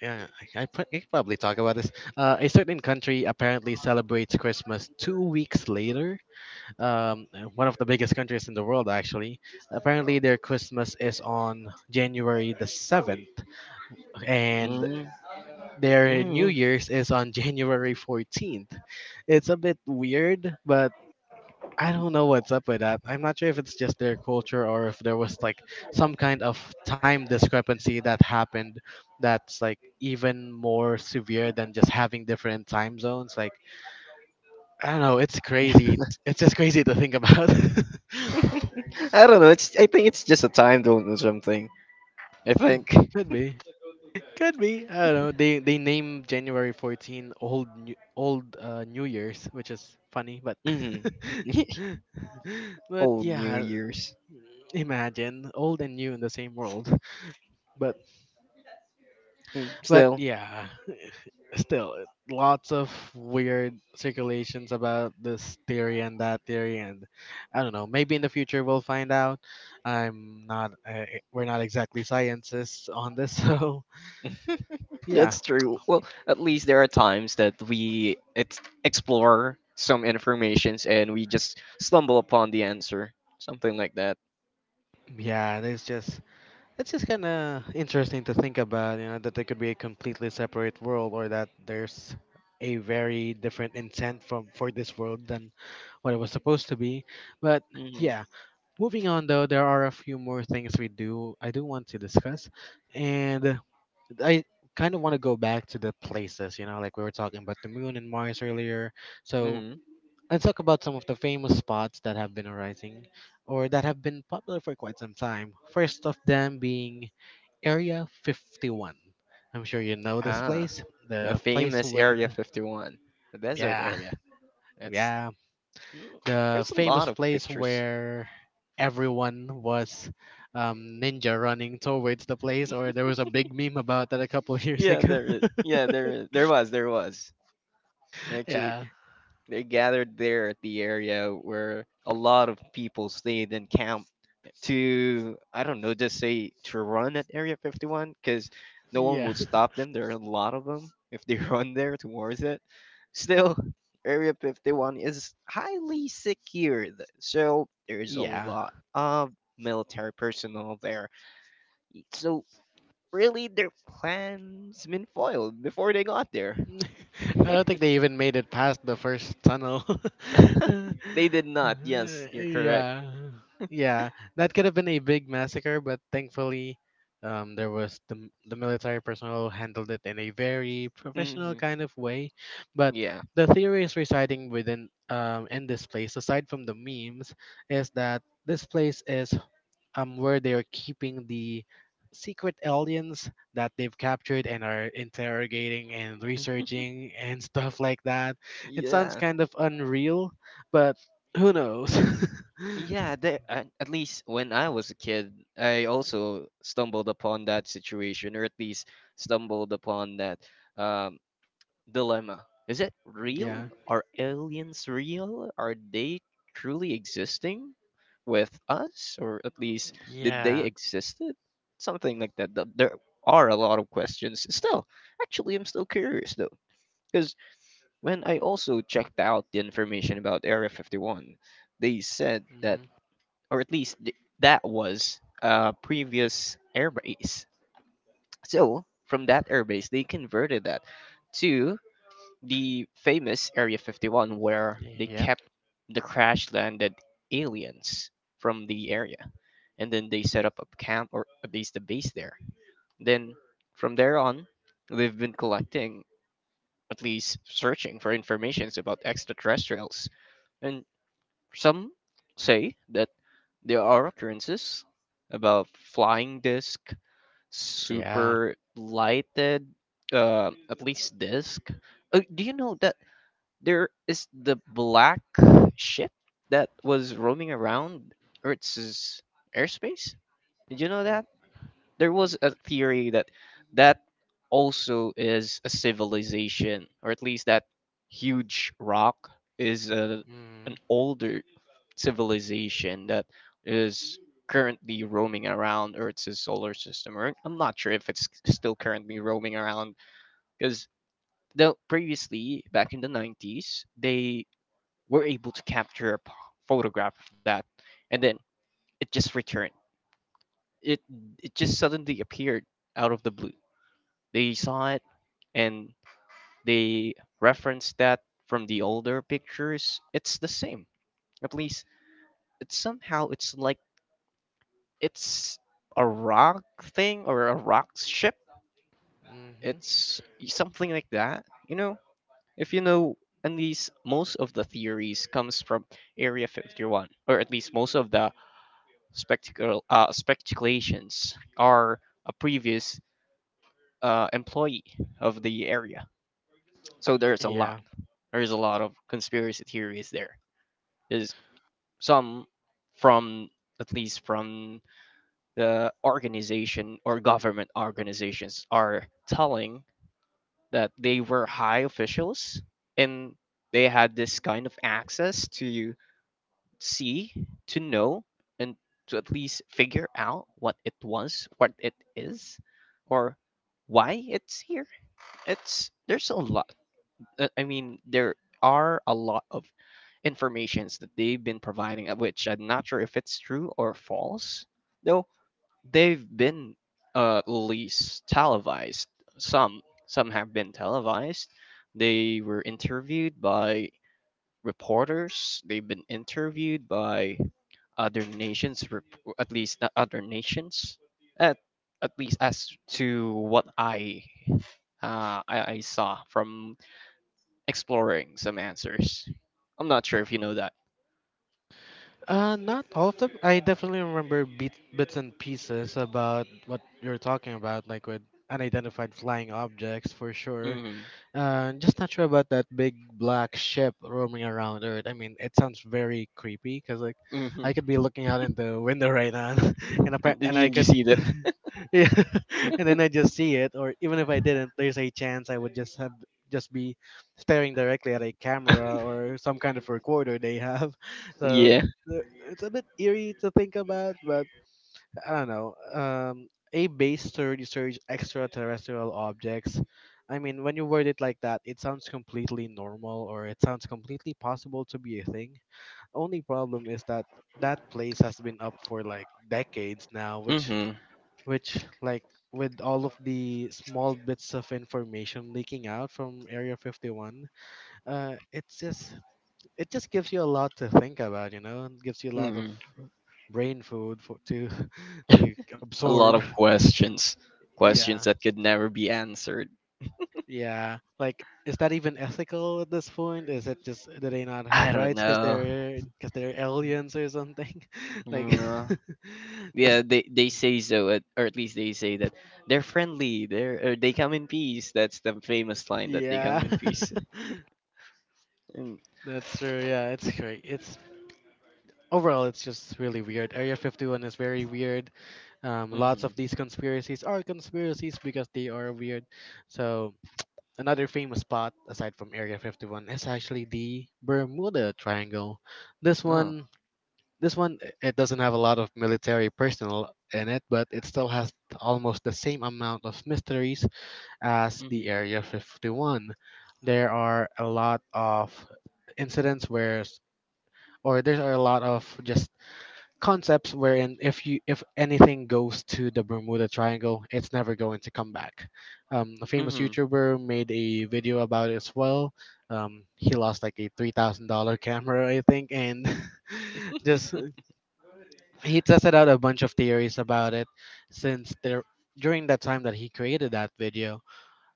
[SPEAKER 1] Yeah, I, I pr- I could probably talk about this. Uh, a certain country apparently celebrates Christmas two weeks later, um, one of the biggest countries in the world, actually. Apparently, their Christmas is on January the seventh, and their New
[SPEAKER 2] Mm-hmm.
[SPEAKER 1] Year's is on January fourteenth. It's a bit weird, but I don't know what's up with that. I'm not sure if it's just their culture or if there was like some kind of time discrepancy that happened, that's like even more severe than just having different time zones. Like, I don't know, it's crazy.
[SPEAKER 2] Mm-hmm.
[SPEAKER 1] It's just crazy to think about.
[SPEAKER 2] I don't know. It's I think it's just a time zone or something. I think.
[SPEAKER 1] Could be. Could be. I don't know. They they name January fourteenth old new, old uh, New Year's, which is funny, but
[SPEAKER 2] Mm.
[SPEAKER 1] but
[SPEAKER 2] Old New
[SPEAKER 1] yeah,
[SPEAKER 2] Year's.
[SPEAKER 1] imagine old and new in the same world. But
[SPEAKER 2] Mm,
[SPEAKER 1] but
[SPEAKER 2] still,
[SPEAKER 1] yeah, still lots of weird circulations about this theory and that theory and I don't know. Maybe in the future we'll find out. I'm not. Uh, we're not exactly scientists on this, so yeah.
[SPEAKER 2] that's true. Well, at least there are times that we ex- explore some informations and we just stumble upon the answer, something like that.
[SPEAKER 1] Yeah, that's just it's just kind of interesting to think about, you know, that there could be a completely separate world or that there's a very different intent from for this world than what it was supposed to be. But
[SPEAKER 2] Hmm.
[SPEAKER 1] yeah, moving on though, there are a few more things we do I do want to discuss, and I kind of want to go back to the places, you know, like we were talking about the moon and Mars earlier. So,
[SPEAKER 2] Hmm.
[SPEAKER 1] and talk about some of the famous spots that have been arising or that have been popular for quite some time. First of them being Area fifty-one. I'm sure you know this
[SPEAKER 2] Ah,
[SPEAKER 1] place,
[SPEAKER 2] the
[SPEAKER 1] the place
[SPEAKER 2] famous
[SPEAKER 1] with
[SPEAKER 2] Area fifty-one, the desert
[SPEAKER 1] yeah,
[SPEAKER 2] area. That's
[SPEAKER 1] yeah,
[SPEAKER 2] mm,
[SPEAKER 1] the
[SPEAKER 2] there's a
[SPEAKER 1] famous
[SPEAKER 2] lot of
[SPEAKER 1] place
[SPEAKER 2] pictures.
[SPEAKER 1] where everyone was um, ninja running towards the place, or there was a big meme about that a couple years
[SPEAKER 2] Yeah,
[SPEAKER 1] ago.
[SPEAKER 2] there is. Yeah, there is. There was. There was. Actually.
[SPEAKER 1] Yeah,
[SPEAKER 2] They gathered there at the area where a lot of people stayed and camped to, I don't know, just say to run at Area fifty-one because no one
[SPEAKER 1] yeah,
[SPEAKER 2] would stop them. There are a lot of them if they run there towards it. Still, Area fifty-one is highly secured, so there's a
[SPEAKER 1] yeah.
[SPEAKER 2] lot of military personnel there. So, really, their plans been foiled before they got there.
[SPEAKER 1] I don't think they even made it past the first tunnel.
[SPEAKER 2] They did not. Yes, you're correct.
[SPEAKER 1] Yeah. Yeah. That could have been a big massacre, but thankfully, um, there was the, m- the military personnel handled it in a very professional
[SPEAKER 2] Hmm.
[SPEAKER 1] kind of way. But
[SPEAKER 2] Yeah.
[SPEAKER 1] the theory is residing within, um, in this place, aside from the memes, is that this place is, um, where they're keeping the secret aliens that they've captured and are interrogating and researching and stuff like that. It sounds
[SPEAKER 2] Yeah,
[SPEAKER 1] kind of unreal, but who knows?
[SPEAKER 2] yeah. They, at, at least when I was a kid, I also stumbled upon that situation, or at least stumbled upon that um, dilemma. Is it real?
[SPEAKER 1] Yeah.
[SPEAKER 2] Are aliens real? Are they truly existing with us, or at least did they
[SPEAKER 1] Yeah.
[SPEAKER 2] existed? Something like that. Th- There are a lot of questions. Still, actually, I'm still curious though, because when I also checked out the information about Area fifty-one, they said that
[SPEAKER 1] Hmm.
[SPEAKER 2] or at least th- that was a previous airbase. So from that airbase, they converted that to the famous Area fifty-one, where they
[SPEAKER 1] Yep.
[SPEAKER 2] kept the crash landed aliens from the area, and then they set up a camp or at least a base there. Then from there on, they've been collecting, at least searching for informations about extraterrestrials, and some say that there are appearances about flying disc,
[SPEAKER 1] Yeah.
[SPEAKER 2] super lighted, uh, at least disc. Uh, do you know that there is the black ship that was roaming around Earth's airspace? Did you know that? There was a theory that that also is a civilization, or at least that huge rock is a, an older civilization that is currently roaming around Earth's solar system. Or I'm not sure if it's still currently roaming around because though previously back in the nineties they were able to capture a p- photograph of that and then it just returned it it just suddenly appeared out of the blue. They saw it and they referenced that from the older pictures it's the same. At least it's somehow it's like it's a rock thing or a rock ship.
[SPEAKER 1] Mm-hmm.
[SPEAKER 2] It's something like that. You know, if you know, at least most of the theories comes from Area fifty-one, or at least most of the spectacle uh, speculations are a previous uh, employee of the area. So there's a lot.
[SPEAKER 1] Yeah.
[SPEAKER 2] There's a lot of conspiracy theories there. There's some from at least from the organization or government organizations are telling that they were high officials and they had this kind of access to see, to know, and to at least figure out what it was, what it is, or why it's here. It's there's a lot. uh, I mean, there are a lot of informations that they've been providing, uh, which I'm not sure if it's true or false. Though they've been uh, at least televised. Some some have been televised. They were interviewed by reporters. They've been interviewed by other nations, rep- at least the other nations. At at least as to what I uh, I, I saw from exploring some answers. I'm not sure if you know that.
[SPEAKER 1] Uh, not all of them. I definitely remember bit, bits and pieces about what you're talking about, like with unidentified flying objects for sure.
[SPEAKER 2] Mm-hmm.
[SPEAKER 1] Uh, just not sure about that big black ship roaming around Earth. I mean, it sounds very creepy because like
[SPEAKER 2] Mm-hmm.
[SPEAKER 1] I could be looking out in the window right now, and appa-
[SPEAKER 2] Did
[SPEAKER 1] and
[SPEAKER 2] you,
[SPEAKER 1] I
[SPEAKER 2] did you
[SPEAKER 1] could,
[SPEAKER 2] see that?
[SPEAKER 1] yeah, and then I just see it. Or even if I didn't, there's a chance I would just have just be staring directly at a camera or some kind of recorder they have. So
[SPEAKER 2] yeah.
[SPEAKER 1] uh, it's a bit eerie to think about, but I don't know, um, a base to research extraterrestrial objects. I mean, when you word it like that, it sounds completely normal or it sounds completely possible to be a thing. Only problem is that that place has been up for like decades now, which,
[SPEAKER 2] Mm-hmm.
[SPEAKER 1] which like with all of the small bits of information leaking out from Area fifty-one, uh, it's just it just gives you a lot to think about, you know, and gives you a lot of
[SPEAKER 2] Mm-hmm.
[SPEAKER 1] brain food for to to
[SPEAKER 2] A
[SPEAKER 1] absorb.
[SPEAKER 2] lot of questions, questions
[SPEAKER 1] Yeah,
[SPEAKER 2] that could never be answered.
[SPEAKER 1] yeah. Like, is that even ethical at this point? Is it just do they not
[SPEAKER 2] I
[SPEAKER 1] have
[SPEAKER 2] don't
[SPEAKER 1] rights because
[SPEAKER 2] know.
[SPEAKER 1] they're because they're aliens or something? Like,
[SPEAKER 2] Mm, uh, yeah,
[SPEAKER 1] just
[SPEAKER 2] they they say so, at, or at least they say that they're friendly. They're or they come in peace. That's the famous line that they
[SPEAKER 1] yeah.
[SPEAKER 2] come in peace. mm.
[SPEAKER 1] That's true. Yeah, it's great. It's overall, it's just really weird. Area fifty-one is very weird. Um, lots of
[SPEAKER 2] Mhm.
[SPEAKER 1] these conspiracies are conspiracies because they are weird. So another famous spot, aside from Area fifty-one, is actually the Bermuda Triangle. This
[SPEAKER 2] Oh.
[SPEAKER 1] one, this one, i- it doesn't have a lot of military personnel in it, but it still has almost the same amount of mysteries as the
[SPEAKER 2] Mhm.
[SPEAKER 1] Area fifty-one. There are a lot of incidents where, s- or there are a lot of just concepts wherein if you if anything goes to the Bermuda Triangle, it's never going to come back. Um, a famous
[SPEAKER 2] Mhm.
[SPEAKER 1] YouTuber made a video about it as well. Um, he lost like a three thousand dollar camera, I think, and just he tested out a bunch of theories about it since there during that time that he created that video,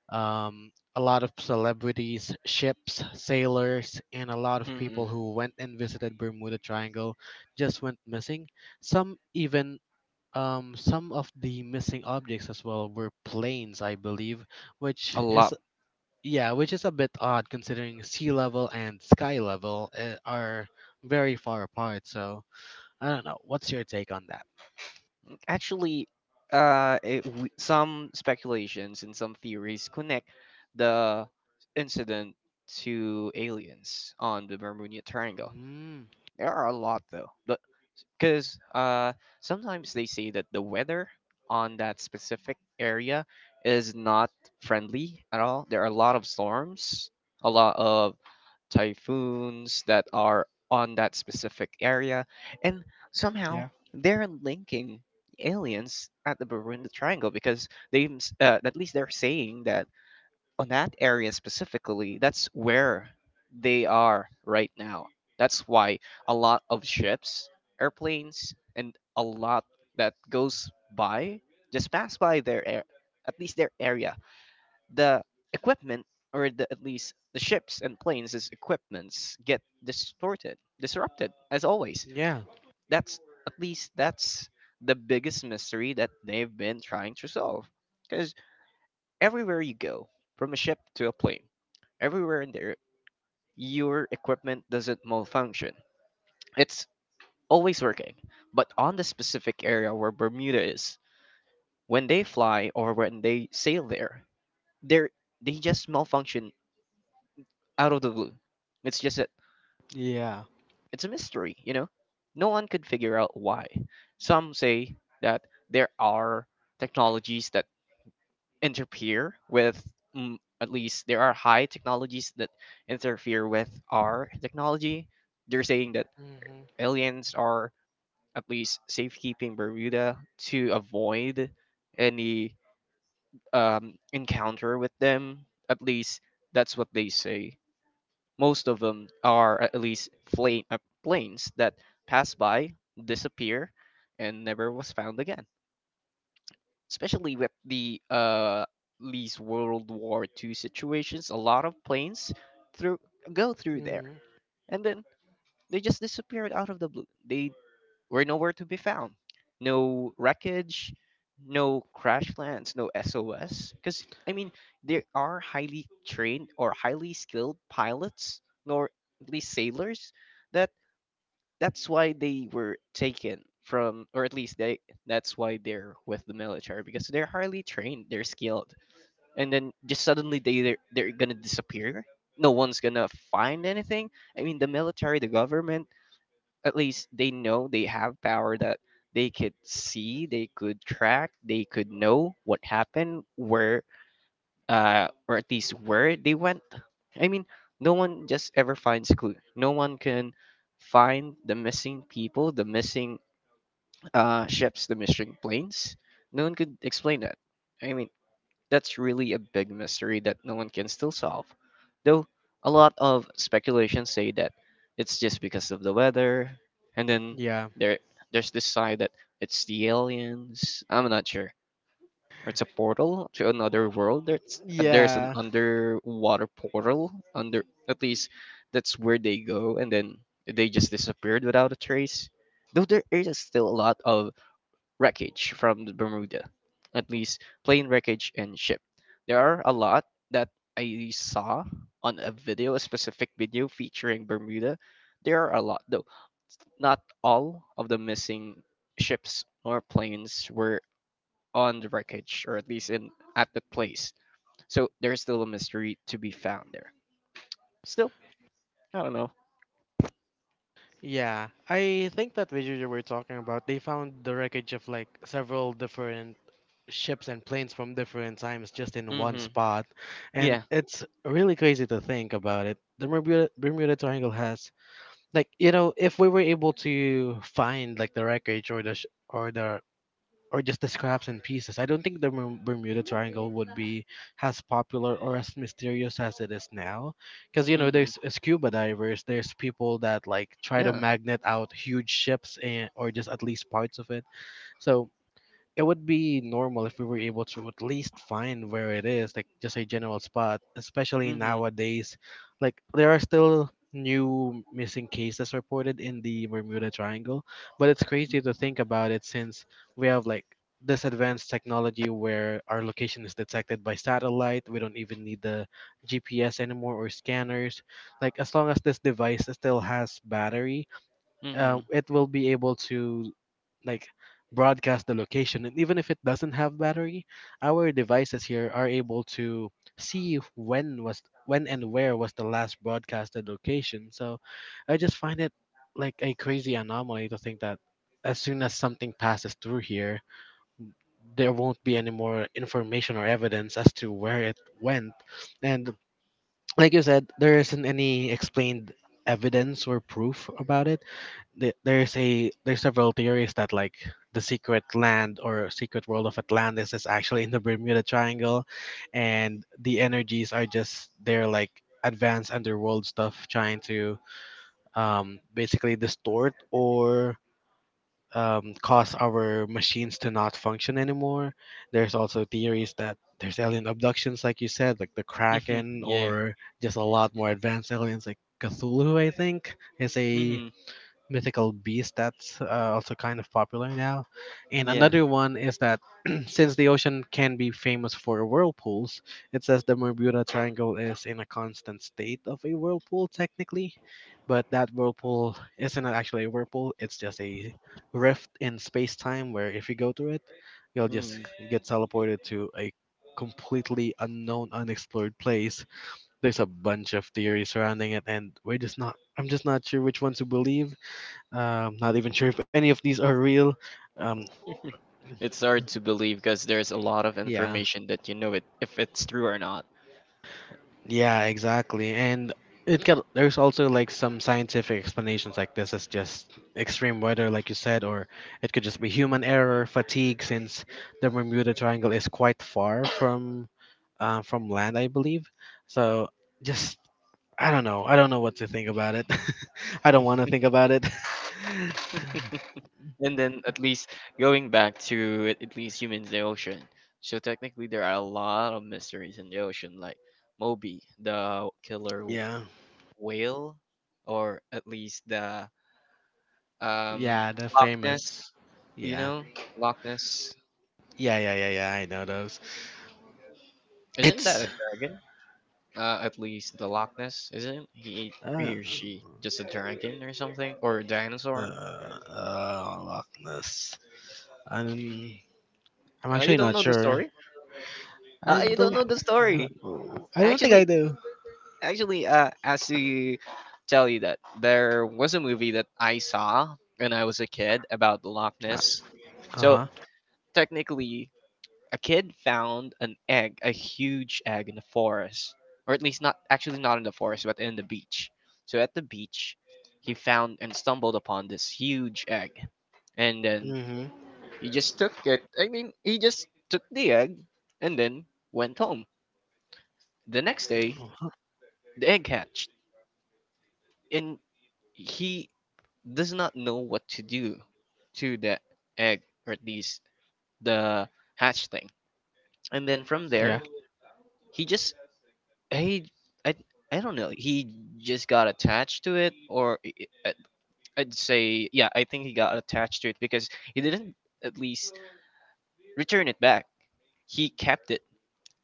[SPEAKER 1] um, a lot of celebrities, ships, sailors, and a lot of people
[SPEAKER 2] Mhm.
[SPEAKER 1] who went and visited Bermuda Triangle just went missing. Some even, um, some of the missing objects as well were planes, I believe, which
[SPEAKER 2] A
[SPEAKER 1] is
[SPEAKER 2] lot.
[SPEAKER 1] yeah, which is a bit odd considering sea level and sky level uh, are very far apart. So I don't know. What's your take on that?
[SPEAKER 2] Actually, uh, it, w- some speculations and some theories connect the incident to aliens on the Bermuda Triangle.
[SPEAKER 1] Mm.
[SPEAKER 2] There are a lot though, but because uh, sometimes they say that the weather on that specific area is not friendly at all. There are a lot of storms, a lot of typhoons that are on that specific area, and somehow
[SPEAKER 1] Yeah.
[SPEAKER 2] they're linking aliens at the Bermuda Triangle because they uh, at least they're saying that on that area specifically, that's where they are right now. That's why a lot of ships, airplanes, and a lot that goes by just pass by their air, at least their area. The equipment, or the, at least the ships and planes as equipments, get distorted, disrupted, as always.
[SPEAKER 1] Yeah,
[SPEAKER 2] That's at least that's the biggest mystery that they've been trying to solve. Because everywhere you go, from a ship to a plane, everywhere in there, your equipment doesn't malfunction. It's always working. But on the specific area where Bermuda is, when they fly or when they sail there, they they just malfunction out of the blue. It's just that
[SPEAKER 1] yeah,
[SPEAKER 2] it's a mystery, you know. No one could figure out why. Some say that there are technologies that interfere with mm, at least there are high technologies that interfere with our technology. They're saying that
[SPEAKER 1] hmm
[SPEAKER 2] aliens are at least safekeeping Bermuda to avoid any um, encounter with them, at least that's what they say. Most of them are at least plane, uh, planes that pass by, disappear and never was found again, especially with the uh these World War Two situations. A lot of planes through go through there,
[SPEAKER 1] hmm
[SPEAKER 2] and then they just disappeared out of the blue. They were nowhere to be found. No wreckage, no crash lands, no S O S. Because I mean, there are highly trained or highly skilled pilots, nor at least sailors, that that's why they were taken from, or at least they, that's why they're with the military, because they're highly trained, they're skilled. And then just suddenly, they they're, they're gonna disappear. No one's gonna find anything. I mean, the military, the government, at least they know they have power, that they could see, they could track, they could know what happened, where uh, or at least where they went. I mean, no one just ever finds clue. No one can find the missing people, the missing uh, ships, the missing planes. No one could explain that. I mean, that's really a big mystery that no one can still solve. Though a lot of speculations say that it's just because of the weather, and then
[SPEAKER 1] yeah,
[SPEAKER 2] there there's this side that it's the aliens. I'm not sure, or it's a portal to another world. There's uh, there's an
[SPEAKER 1] yeah.
[SPEAKER 2] underwater portal under, at least that's where they go, and then they just disappeared without a trace. Though there is still a lot of wreckage from the Bermuda, at least plane wreckage and ship. There are a lot that I saw on a video, a specific video featuring Bermuda. There are a lot though. Not all of the missing ships or planes were on the wreckage, or at least in at the place. So there's still a mystery to be found there. Still, I don't know.
[SPEAKER 1] Yeah, I think that video you were talking about, they found the wreckage of like several different ships and planes from different times just in one
[SPEAKER 2] Mm-hmm.
[SPEAKER 1] spot. And
[SPEAKER 2] Yeah.
[SPEAKER 1] it's really crazy to think about it. The Bermuda, Bermuda Triangle has like, you know, if we were able to find like the wreckage or the sh- or the or just the scraps and pieces. I don't think the Berm- Bermuda Triangle would be as popular or as mysterious as it is now, because you know
[SPEAKER 2] Mm-hmm.
[SPEAKER 1] there's uh, scuba divers, there's people that like try to
[SPEAKER 2] Yeah.
[SPEAKER 1] magnet out huge ships and, or just at least parts of it. So it would be normal if we were able to at least find where it is, like just a general spot, especially
[SPEAKER 2] Mm-hmm.
[SPEAKER 1] nowadays. Like there are still new missing cases reported in the Bermuda Triangle, but it's crazy to think about it since we have like this advanced technology where our location is detected by satellite. We don't even need the G P S anymore or scanners. Like as long as this device still has battery, uh,
[SPEAKER 2] Mm-hmm.
[SPEAKER 1] it will be able to like broadcast the location, and even if it doesn't have battery, our devices here are able to see when was when and where was the last broadcasted location. So I just find it like a crazy anomaly to think that as soon as something passes through here, there won't be any more information or evidence as to where it went. And like you said, there isn't any explained evidence or proof about it. The- There's a there's several theories that like the secret land or secret world of Atlantis is actually in the Bermuda Triangle, and the energies are just they're like advanced underworld stuff trying to, um, basically distort or, um, cause our machines to not function anymore. There's also theories that there's alien abductions, like you said, like the
[SPEAKER 2] Mm-hmm.
[SPEAKER 1] Kraken,
[SPEAKER 2] Yeah.
[SPEAKER 1] or just a lot more advanced aliens, like Cthulhu. I think is a
[SPEAKER 2] Mm-hmm.
[SPEAKER 1] mythical beast that's uh, also kind of popular now. And
[SPEAKER 2] Yeah.
[SPEAKER 1] another one is that since the ocean can be famous for whirlpools, it says the Bermuda Triangle is in a constant state of a whirlpool technically, but that whirlpool isn't actually a whirlpool, it's just a rift in space-time where if you go through it, you'll just
[SPEAKER 2] Mm-hmm.
[SPEAKER 1] get teleported to a completely unknown unexplored place. There's a bunch of theories surrounding it and we're just not I'm just not sure which one to believe, um, not even sure if any of these are real. Um,
[SPEAKER 2] It's hard to believe because there's a lot of
[SPEAKER 1] yeah,
[SPEAKER 2] information that you know it if it's true or not.
[SPEAKER 1] yeah, exactly. And it can, there's also like some scientific explanations, like this is just extreme weather, like you said, or it could just be human error, fatigue, since the Bermuda Triangle is quite far from, uh, from land, I believe. So just I don't know. I don't know what to think about it. I don't want to think about it.
[SPEAKER 2] And then at least going back to at at least humans in the ocean. So technically there are a lot of mysteries in the ocean, like Moby, the killer
[SPEAKER 1] Yeah,
[SPEAKER 2] whale, or at least the um,
[SPEAKER 1] yeah, the
[SPEAKER 2] Loch Ness.
[SPEAKER 1] famous,
[SPEAKER 2] You
[SPEAKER 1] yeah.
[SPEAKER 2] know, Loch Ness.
[SPEAKER 1] Yeah, yeah, yeah, yeah. I know those.
[SPEAKER 2] Isn't that
[SPEAKER 1] It's
[SPEAKER 2] a dragon? Uh, at least the Loch Ness, isn't he
[SPEAKER 1] uh,
[SPEAKER 2] he or she just a dragon or something, or a
[SPEAKER 1] uh,
[SPEAKER 2] dinosaur?
[SPEAKER 1] uh, Loch Ness. I'm I'm
[SPEAKER 2] Uh, you
[SPEAKER 1] actually
[SPEAKER 2] don't
[SPEAKER 1] not
[SPEAKER 2] know the
[SPEAKER 1] sure.
[SPEAKER 2] story.
[SPEAKER 1] I
[SPEAKER 2] Uh, you don't
[SPEAKER 1] don't.
[SPEAKER 2] know the story.
[SPEAKER 1] I don't think
[SPEAKER 2] Actually,
[SPEAKER 1] I do.
[SPEAKER 2] actually, uh, as to tell you that there was a movie that I saw when I was a kid about the Loch Ness.
[SPEAKER 1] Uh
[SPEAKER 2] So
[SPEAKER 1] huh.
[SPEAKER 2] technically, a kid found an egg, a huge egg in the forest, or at least not actually, not in the forest, but in the beach. So at the beach, he found and stumbled upon this huge egg, and then
[SPEAKER 1] Mhm.
[SPEAKER 2] he just took it. I mean, he just took the egg and then went home. The next day, the egg hatched, and he does not know what to do to the egg, or at least the hatch thing. And then from
[SPEAKER 1] Yeah.
[SPEAKER 2] there, he just he I I don't know. He just got attached to it, or I- I- I- would say, yeah. I think he got attached to it because he didn't at least return it back. He kept it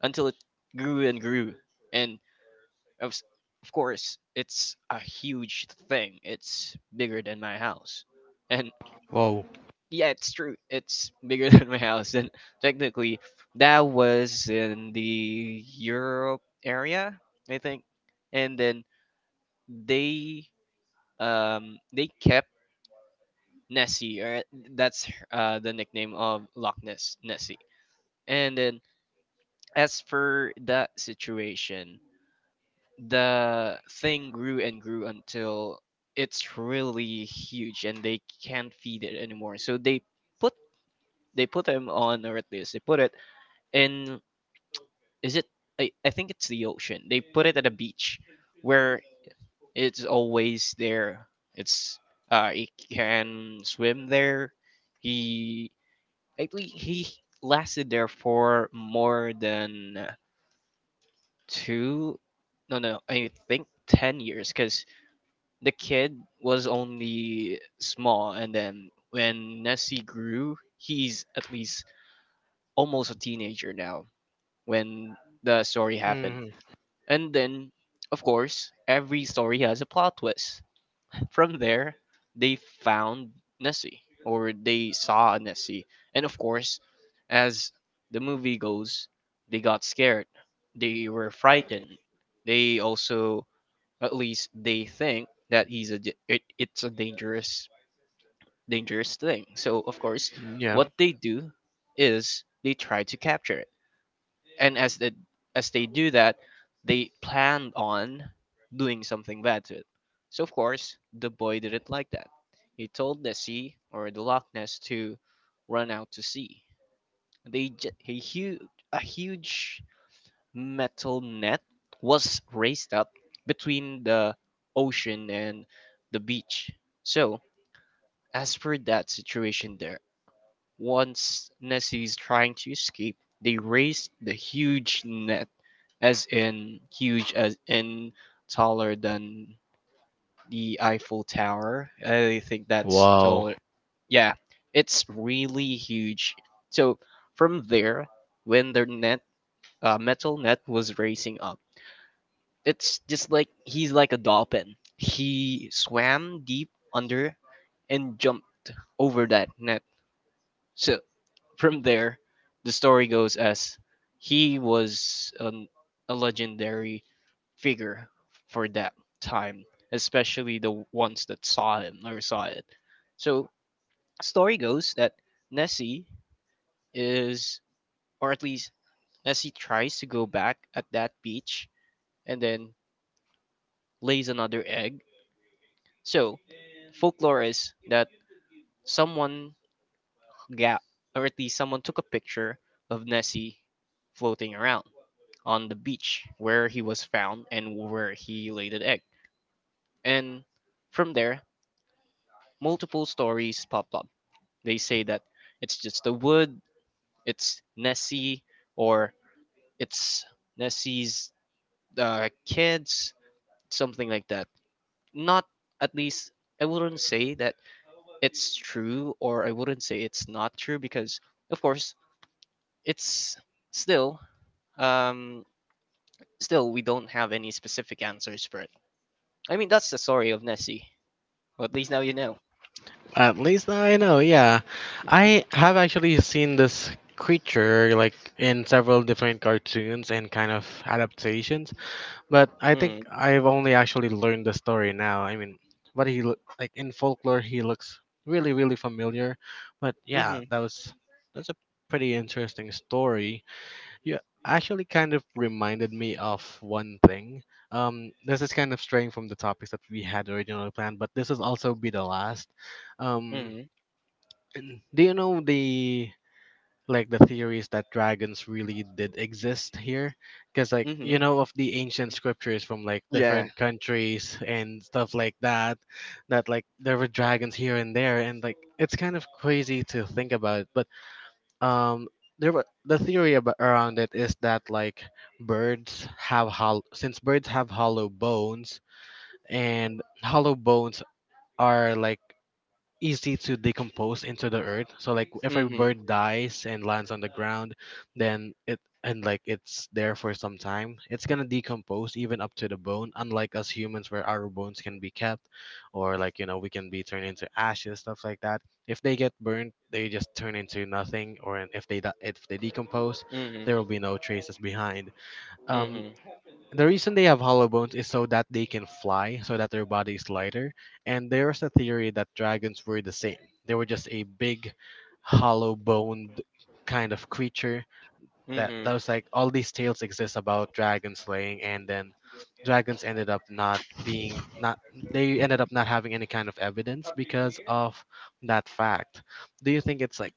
[SPEAKER 2] until it grew and grew, and of s- of course, it's a huge thing. It's bigger than my house, and
[SPEAKER 1] Whoa.
[SPEAKER 2] yeah, it's true. It's bigger than my house. And technically that was in the Europe area, I think, and then they um, they kept Nessie, or that's her- uh, the nickname of Loch Ness, Nessie. And then, as for that situation, the thing grew and grew until it's really huge, and they can't feed it anymore. So they put they put him on, or at least they put it in. Is it? I, I think it's the ocean. They put it at a beach, where it's always there. It's uh, it can swim there. He I believe he lasted there for more than uh, two, no, no, I think ten years because the kid was only small. And then when Nessie grew, he's at least almost a teenager now when the story happened.
[SPEAKER 1] Mhm.
[SPEAKER 2] And then, of course, every story has a plot twist. From there, they found Nessie, or they saw Nessie. And of course, as the movie goes, they got scared. They were frightened. They also, at least, they think that he's a d- it, it's a dangerous dangerous thing. So of course,
[SPEAKER 1] Yeah.
[SPEAKER 2] what they do is they try to capture, and as the, as they do that, they planned on doing something bad to it. So of course, the boy didn't like that. He told the sea, or the Loch Ness, to run out to sea. They j- a huge a huge metal net was raised up between the ocean and the beach. So as for that situation there, once Nessie is trying to escape, they raise the huge net, as in huge as in taller than the Eiffel Tower. I think that's
[SPEAKER 1] Wow.
[SPEAKER 2] taller. Yeah, it's really huge. So from there, when their net uh, metal net was racing up, it's just like, he's like a dolphin. He swam deep under and jumped over that net. So from there, the story goes as he was an, a legendary figure for that time, especially the ones that saw him or saw it. So, story goes that Nessie is, or at least Nessie tries to go back at that beach and then lays another egg. So, folklore is that someone got, or at least someone took a picture of Nessie floating around on the beach where he was found and where he laid an egg. And from there, multiple stories pop up. They say that it's just the wood, it's Nessie, or it's Nessie's uh, kids, something like that. Not at least, I wouldn't say that it's true, or I wouldn't say it's not true because, of course, it's still, um, still, we don't have any specific answers for it. I mean, that's the story of Nessie. Well, at least now you know.
[SPEAKER 1] At least now I know. Yeah, I have actually seen this creature like in several different cartoons and kind of adaptations. But I think
[SPEAKER 2] Mm.
[SPEAKER 1] I've only actually learned the story now. I mean, but he loo- like in folklore he looks really really familiar. But yeah,
[SPEAKER 2] Mhm.
[SPEAKER 1] that was that's a pretty interesting story. You actually kind of reminded me of one thing. Um, this is kind of straying from the topics that we had originally planned, but this will also be the last. Um,
[SPEAKER 2] Mhm.
[SPEAKER 1] do you know the like the theories that dragons really did exist here? Because like you
[SPEAKER 2] Mhm.
[SPEAKER 1] know of the ancient scriptures from like
[SPEAKER 2] Yeah.
[SPEAKER 1] different countries and stuff like that, that like there were dragons here and there, and like it's kind of crazy to think about it. But um there were, the theory about, around it is that like birds have hollow, since birds have hollow bones, and hollow bones are like easy to decompose into the earth. So like if a
[SPEAKER 2] Mhm.
[SPEAKER 1] bird dies and lands on the ground, then it and like it's there for some time, it's gonna decompose even up to the bone. Unlike us humans, where our bones can be kept, or like you know we can be turned into ashes, stuff like that. If they get burnt, they just turn into nothing. Or if they di- if they decompose,
[SPEAKER 2] Mhm.
[SPEAKER 1] there will be no traces behind. Um,
[SPEAKER 2] Mhm.
[SPEAKER 1] the reason they have hollow bones is so that they can fly, so that their body is lighter. And there's a theory that dragons were the same. They were just a big, hollow boned kind of creature. That
[SPEAKER 2] Mhm.
[SPEAKER 1] that was like all these tales exist about dragon slaying, and then dragons ended up not being, not, they ended up not having any kind of evidence because of that fact. Do you think it's like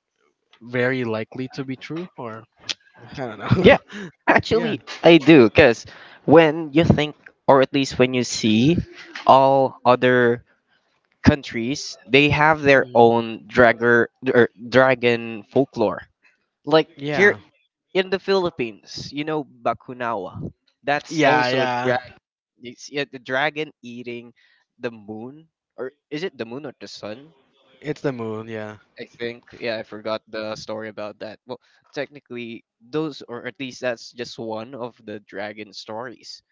[SPEAKER 1] very likely to be true, or I don't
[SPEAKER 2] Yeah.
[SPEAKER 1] know? Yeah.
[SPEAKER 2] Actually, I do, cuz when you think, or at least when you see all other countries, they have their
[SPEAKER 1] Mhm.
[SPEAKER 2] own dragger or dragon folklore. Like here
[SPEAKER 1] Yeah,
[SPEAKER 2] in the Philippines, you know Bakunawa. That's
[SPEAKER 1] yeah,
[SPEAKER 2] also a
[SPEAKER 1] yeah.
[SPEAKER 2] dra- It's, yeah, the dragon eating the moon, or is it the moon or the sun?
[SPEAKER 1] It's the moon, yeah.
[SPEAKER 2] I think, yeah, I forgot the story about that. Well, technically, those, or at least that's just one of the dragon stories.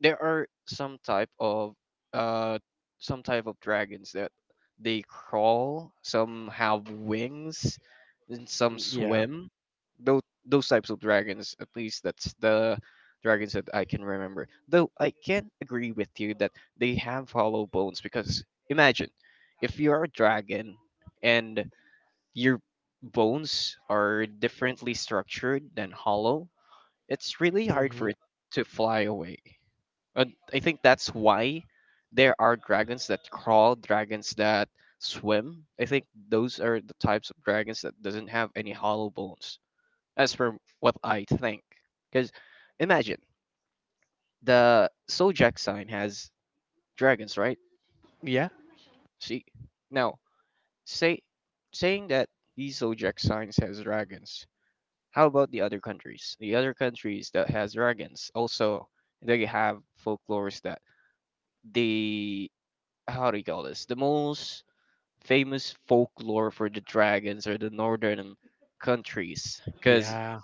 [SPEAKER 2] There are some type of uh some type of dragons that they crawl, some have wings, and some
[SPEAKER 1] Mm, yeah.
[SPEAKER 2] swim. Those those types of dragons, at least that's the dragons that I can remember. Though I can agree with you that they have hollow bones, because imagine if you're a dragon and your bones are differently structured than hollow, it's really hard
[SPEAKER 1] Hmm.
[SPEAKER 2] for it to fly away. And I think that's why there are dragons that crawl, dragons that swim. I think those are the types of dragons that doesn't have any hollow bones, as per what I think. Because imagine, the Sojak sign has dragons, right?
[SPEAKER 1] Yeah.
[SPEAKER 2] See, now say saying that these Zodiac signs has dragons. How about the other countries? The other countries that has dragons also, they have folklores that, the, how do you call this? The most famous folklore for the dragons are the northern countries because
[SPEAKER 1] Yeah.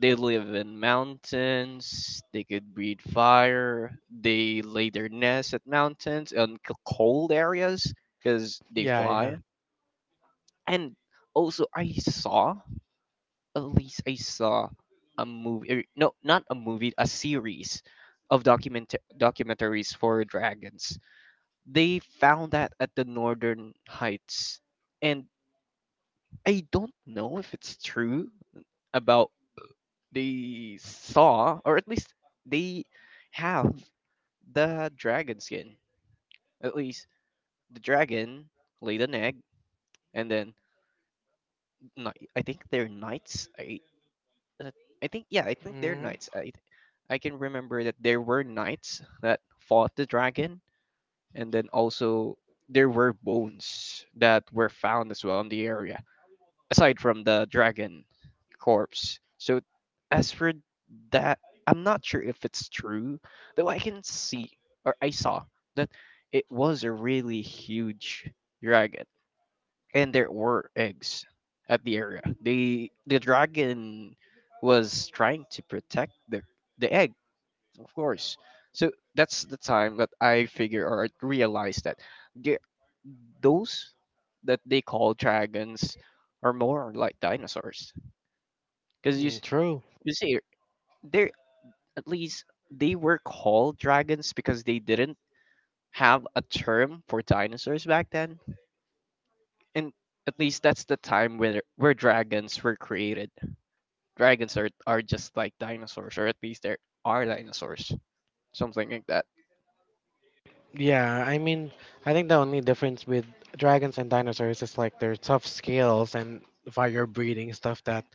[SPEAKER 2] they live in mountains. They could breathe fire. They lay their nests at mountains and c- cold areas because they
[SPEAKER 1] Yeah, yeah.
[SPEAKER 2] fly. And also, I saw, at least I saw a movie, er, no, not a movie, a series of document documentaries for dragons. They found that at the Northern Heights, and I don't know if it's true about, they saw, or at least they have the dragon skin. At least the dragon laid an egg, and then ni- I think they're knights. I uh, I think, yeah, I think they're
[SPEAKER 1] Hmm.
[SPEAKER 2] knights. I I can remember that there were knights that fought the dragon, and then also there were bones that were found as well in the area, aside from the dragon corpse. So as for that, I'm not sure if it's true, though I can see, or I saw, that it was a really huge dragon and there were eggs at the area. The the dragon was trying to protect the the egg, of course. So that's the time that I figure or realized that the, those that they call dragons are more like dinosaurs. Because you
[SPEAKER 1] Mm,
[SPEAKER 2] s-
[SPEAKER 1] true.
[SPEAKER 2] you see, they, at least they were called dragons because they didn't have a term for dinosaurs back then. And at least that's the time where where dragons were created. Dragons are are just like dinosaurs, or at least there are dinosaurs, something like that.
[SPEAKER 1] Yeah, I mean, I think the only difference with dragons and dinosaurs is like their tough scales and fire breathing stuff that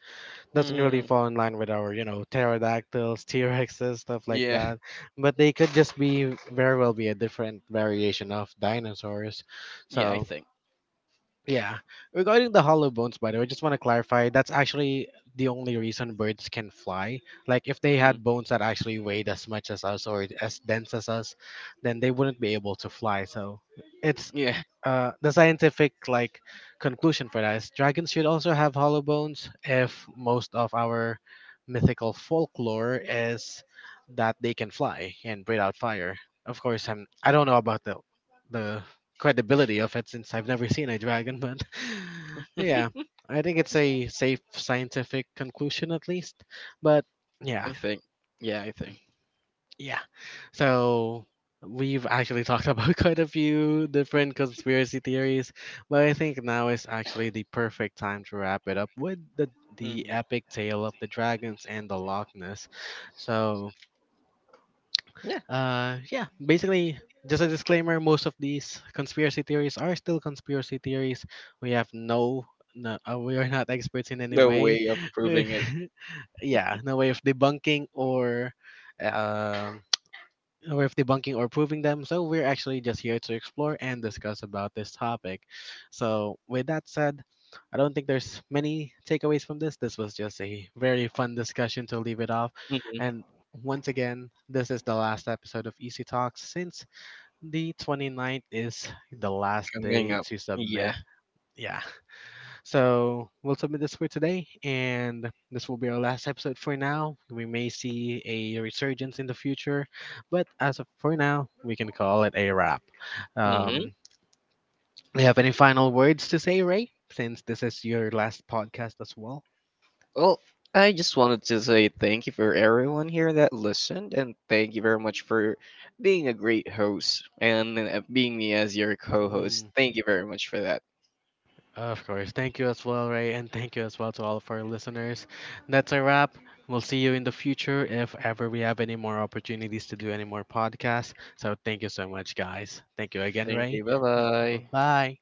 [SPEAKER 1] doesn't really
[SPEAKER 2] Mm,
[SPEAKER 1] fall in line with our, you know, pterodactyls, T-Rexes, stuff like
[SPEAKER 2] yeah,
[SPEAKER 1] that. But they could just be very well be a different variation of dinosaurs.
[SPEAKER 2] yeah, I
[SPEAKER 1] So,
[SPEAKER 2] think.
[SPEAKER 1] yeah. Regarding the hollow bones, by the way, just want to clarify that's actually the only reason birds can fly. Like, if they
[SPEAKER 2] Hmm.
[SPEAKER 1] had bones that actually weighed as much as us or as dense as us, then they wouldn't be able to fly. So, it's
[SPEAKER 2] Yeah,
[SPEAKER 1] uh, the scientific like conclusion for that is dragons should also have hollow bones if most of our mythical folklore is that they can fly and breathe out fire. Of course i'm I don't know about the the credibility of it since I've never seen a dragon, but yeah, I think it's a safe scientific conclusion at least, but
[SPEAKER 2] I
[SPEAKER 1] yeah,
[SPEAKER 2] think. Yeah, I think.
[SPEAKER 1] yeah. So we've actually talked about quite a few different conspiracy theories, but I think now is actually the perfect time to wrap it up with the the
[SPEAKER 2] Hmm.
[SPEAKER 1] epic tale of the dragons and the Loch Ness. So,
[SPEAKER 2] Yeah,
[SPEAKER 1] uh yeah, basically just a disclaimer, most of these conspiracy theories are still conspiracy theories. We have no no, uh, we are not experts in any
[SPEAKER 2] the
[SPEAKER 1] way.
[SPEAKER 2] way of proving it.
[SPEAKER 1] Yeah, no way of debunking or uh, um with debunking or proving them. So we're actually just here to explore and discuss about this topic. So with that said, I don't think there's many takeaways from this. This was just a very fun discussion to leave it off.
[SPEAKER 2] Hmm.
[SPEAKER 1] And once again, this is the last episode of Easy Talks since the 29th is the last
[SPEAKER 2] Coming
[SPEAKER 1] day
[SPEAKER 2] up.
[SPEAKER 1] to
[SPEAKER 2] Yeah.
[SPEAKER 1] submit. Yeah. So we'll submit this for today, and this will be our last episode for now. We may see a resurgence in the future, but as of for now, we can call it a wrap.
[SPEAKER 2] Hmm.
[SPEAKER 1] Um, do you have any final words to say, Ray? Since this is your last podcast as well.
[SPEAKER 2] Well, I just wanted to say thank you for everyone here that listened, and thank you very much for being a great host and uh, being me as your co-host.
[SPEAKER 1] Mm.
[SPEAKER 2] Thank you very much for that.
[SPEAKER 1] Of course. Thank you as well, Ray, and thank you as well to all of our listeners. That's a wrap. We'll see you in the future if ever we have any more opportunities to do any more podcasts. So thank you so much, guys. Thank you again,
[SPEAKER 2] Thank
[SPEAKER 1] Ray.
[SPEAKER 2] you. Bye bye.
[SPEAKER 1] Bye.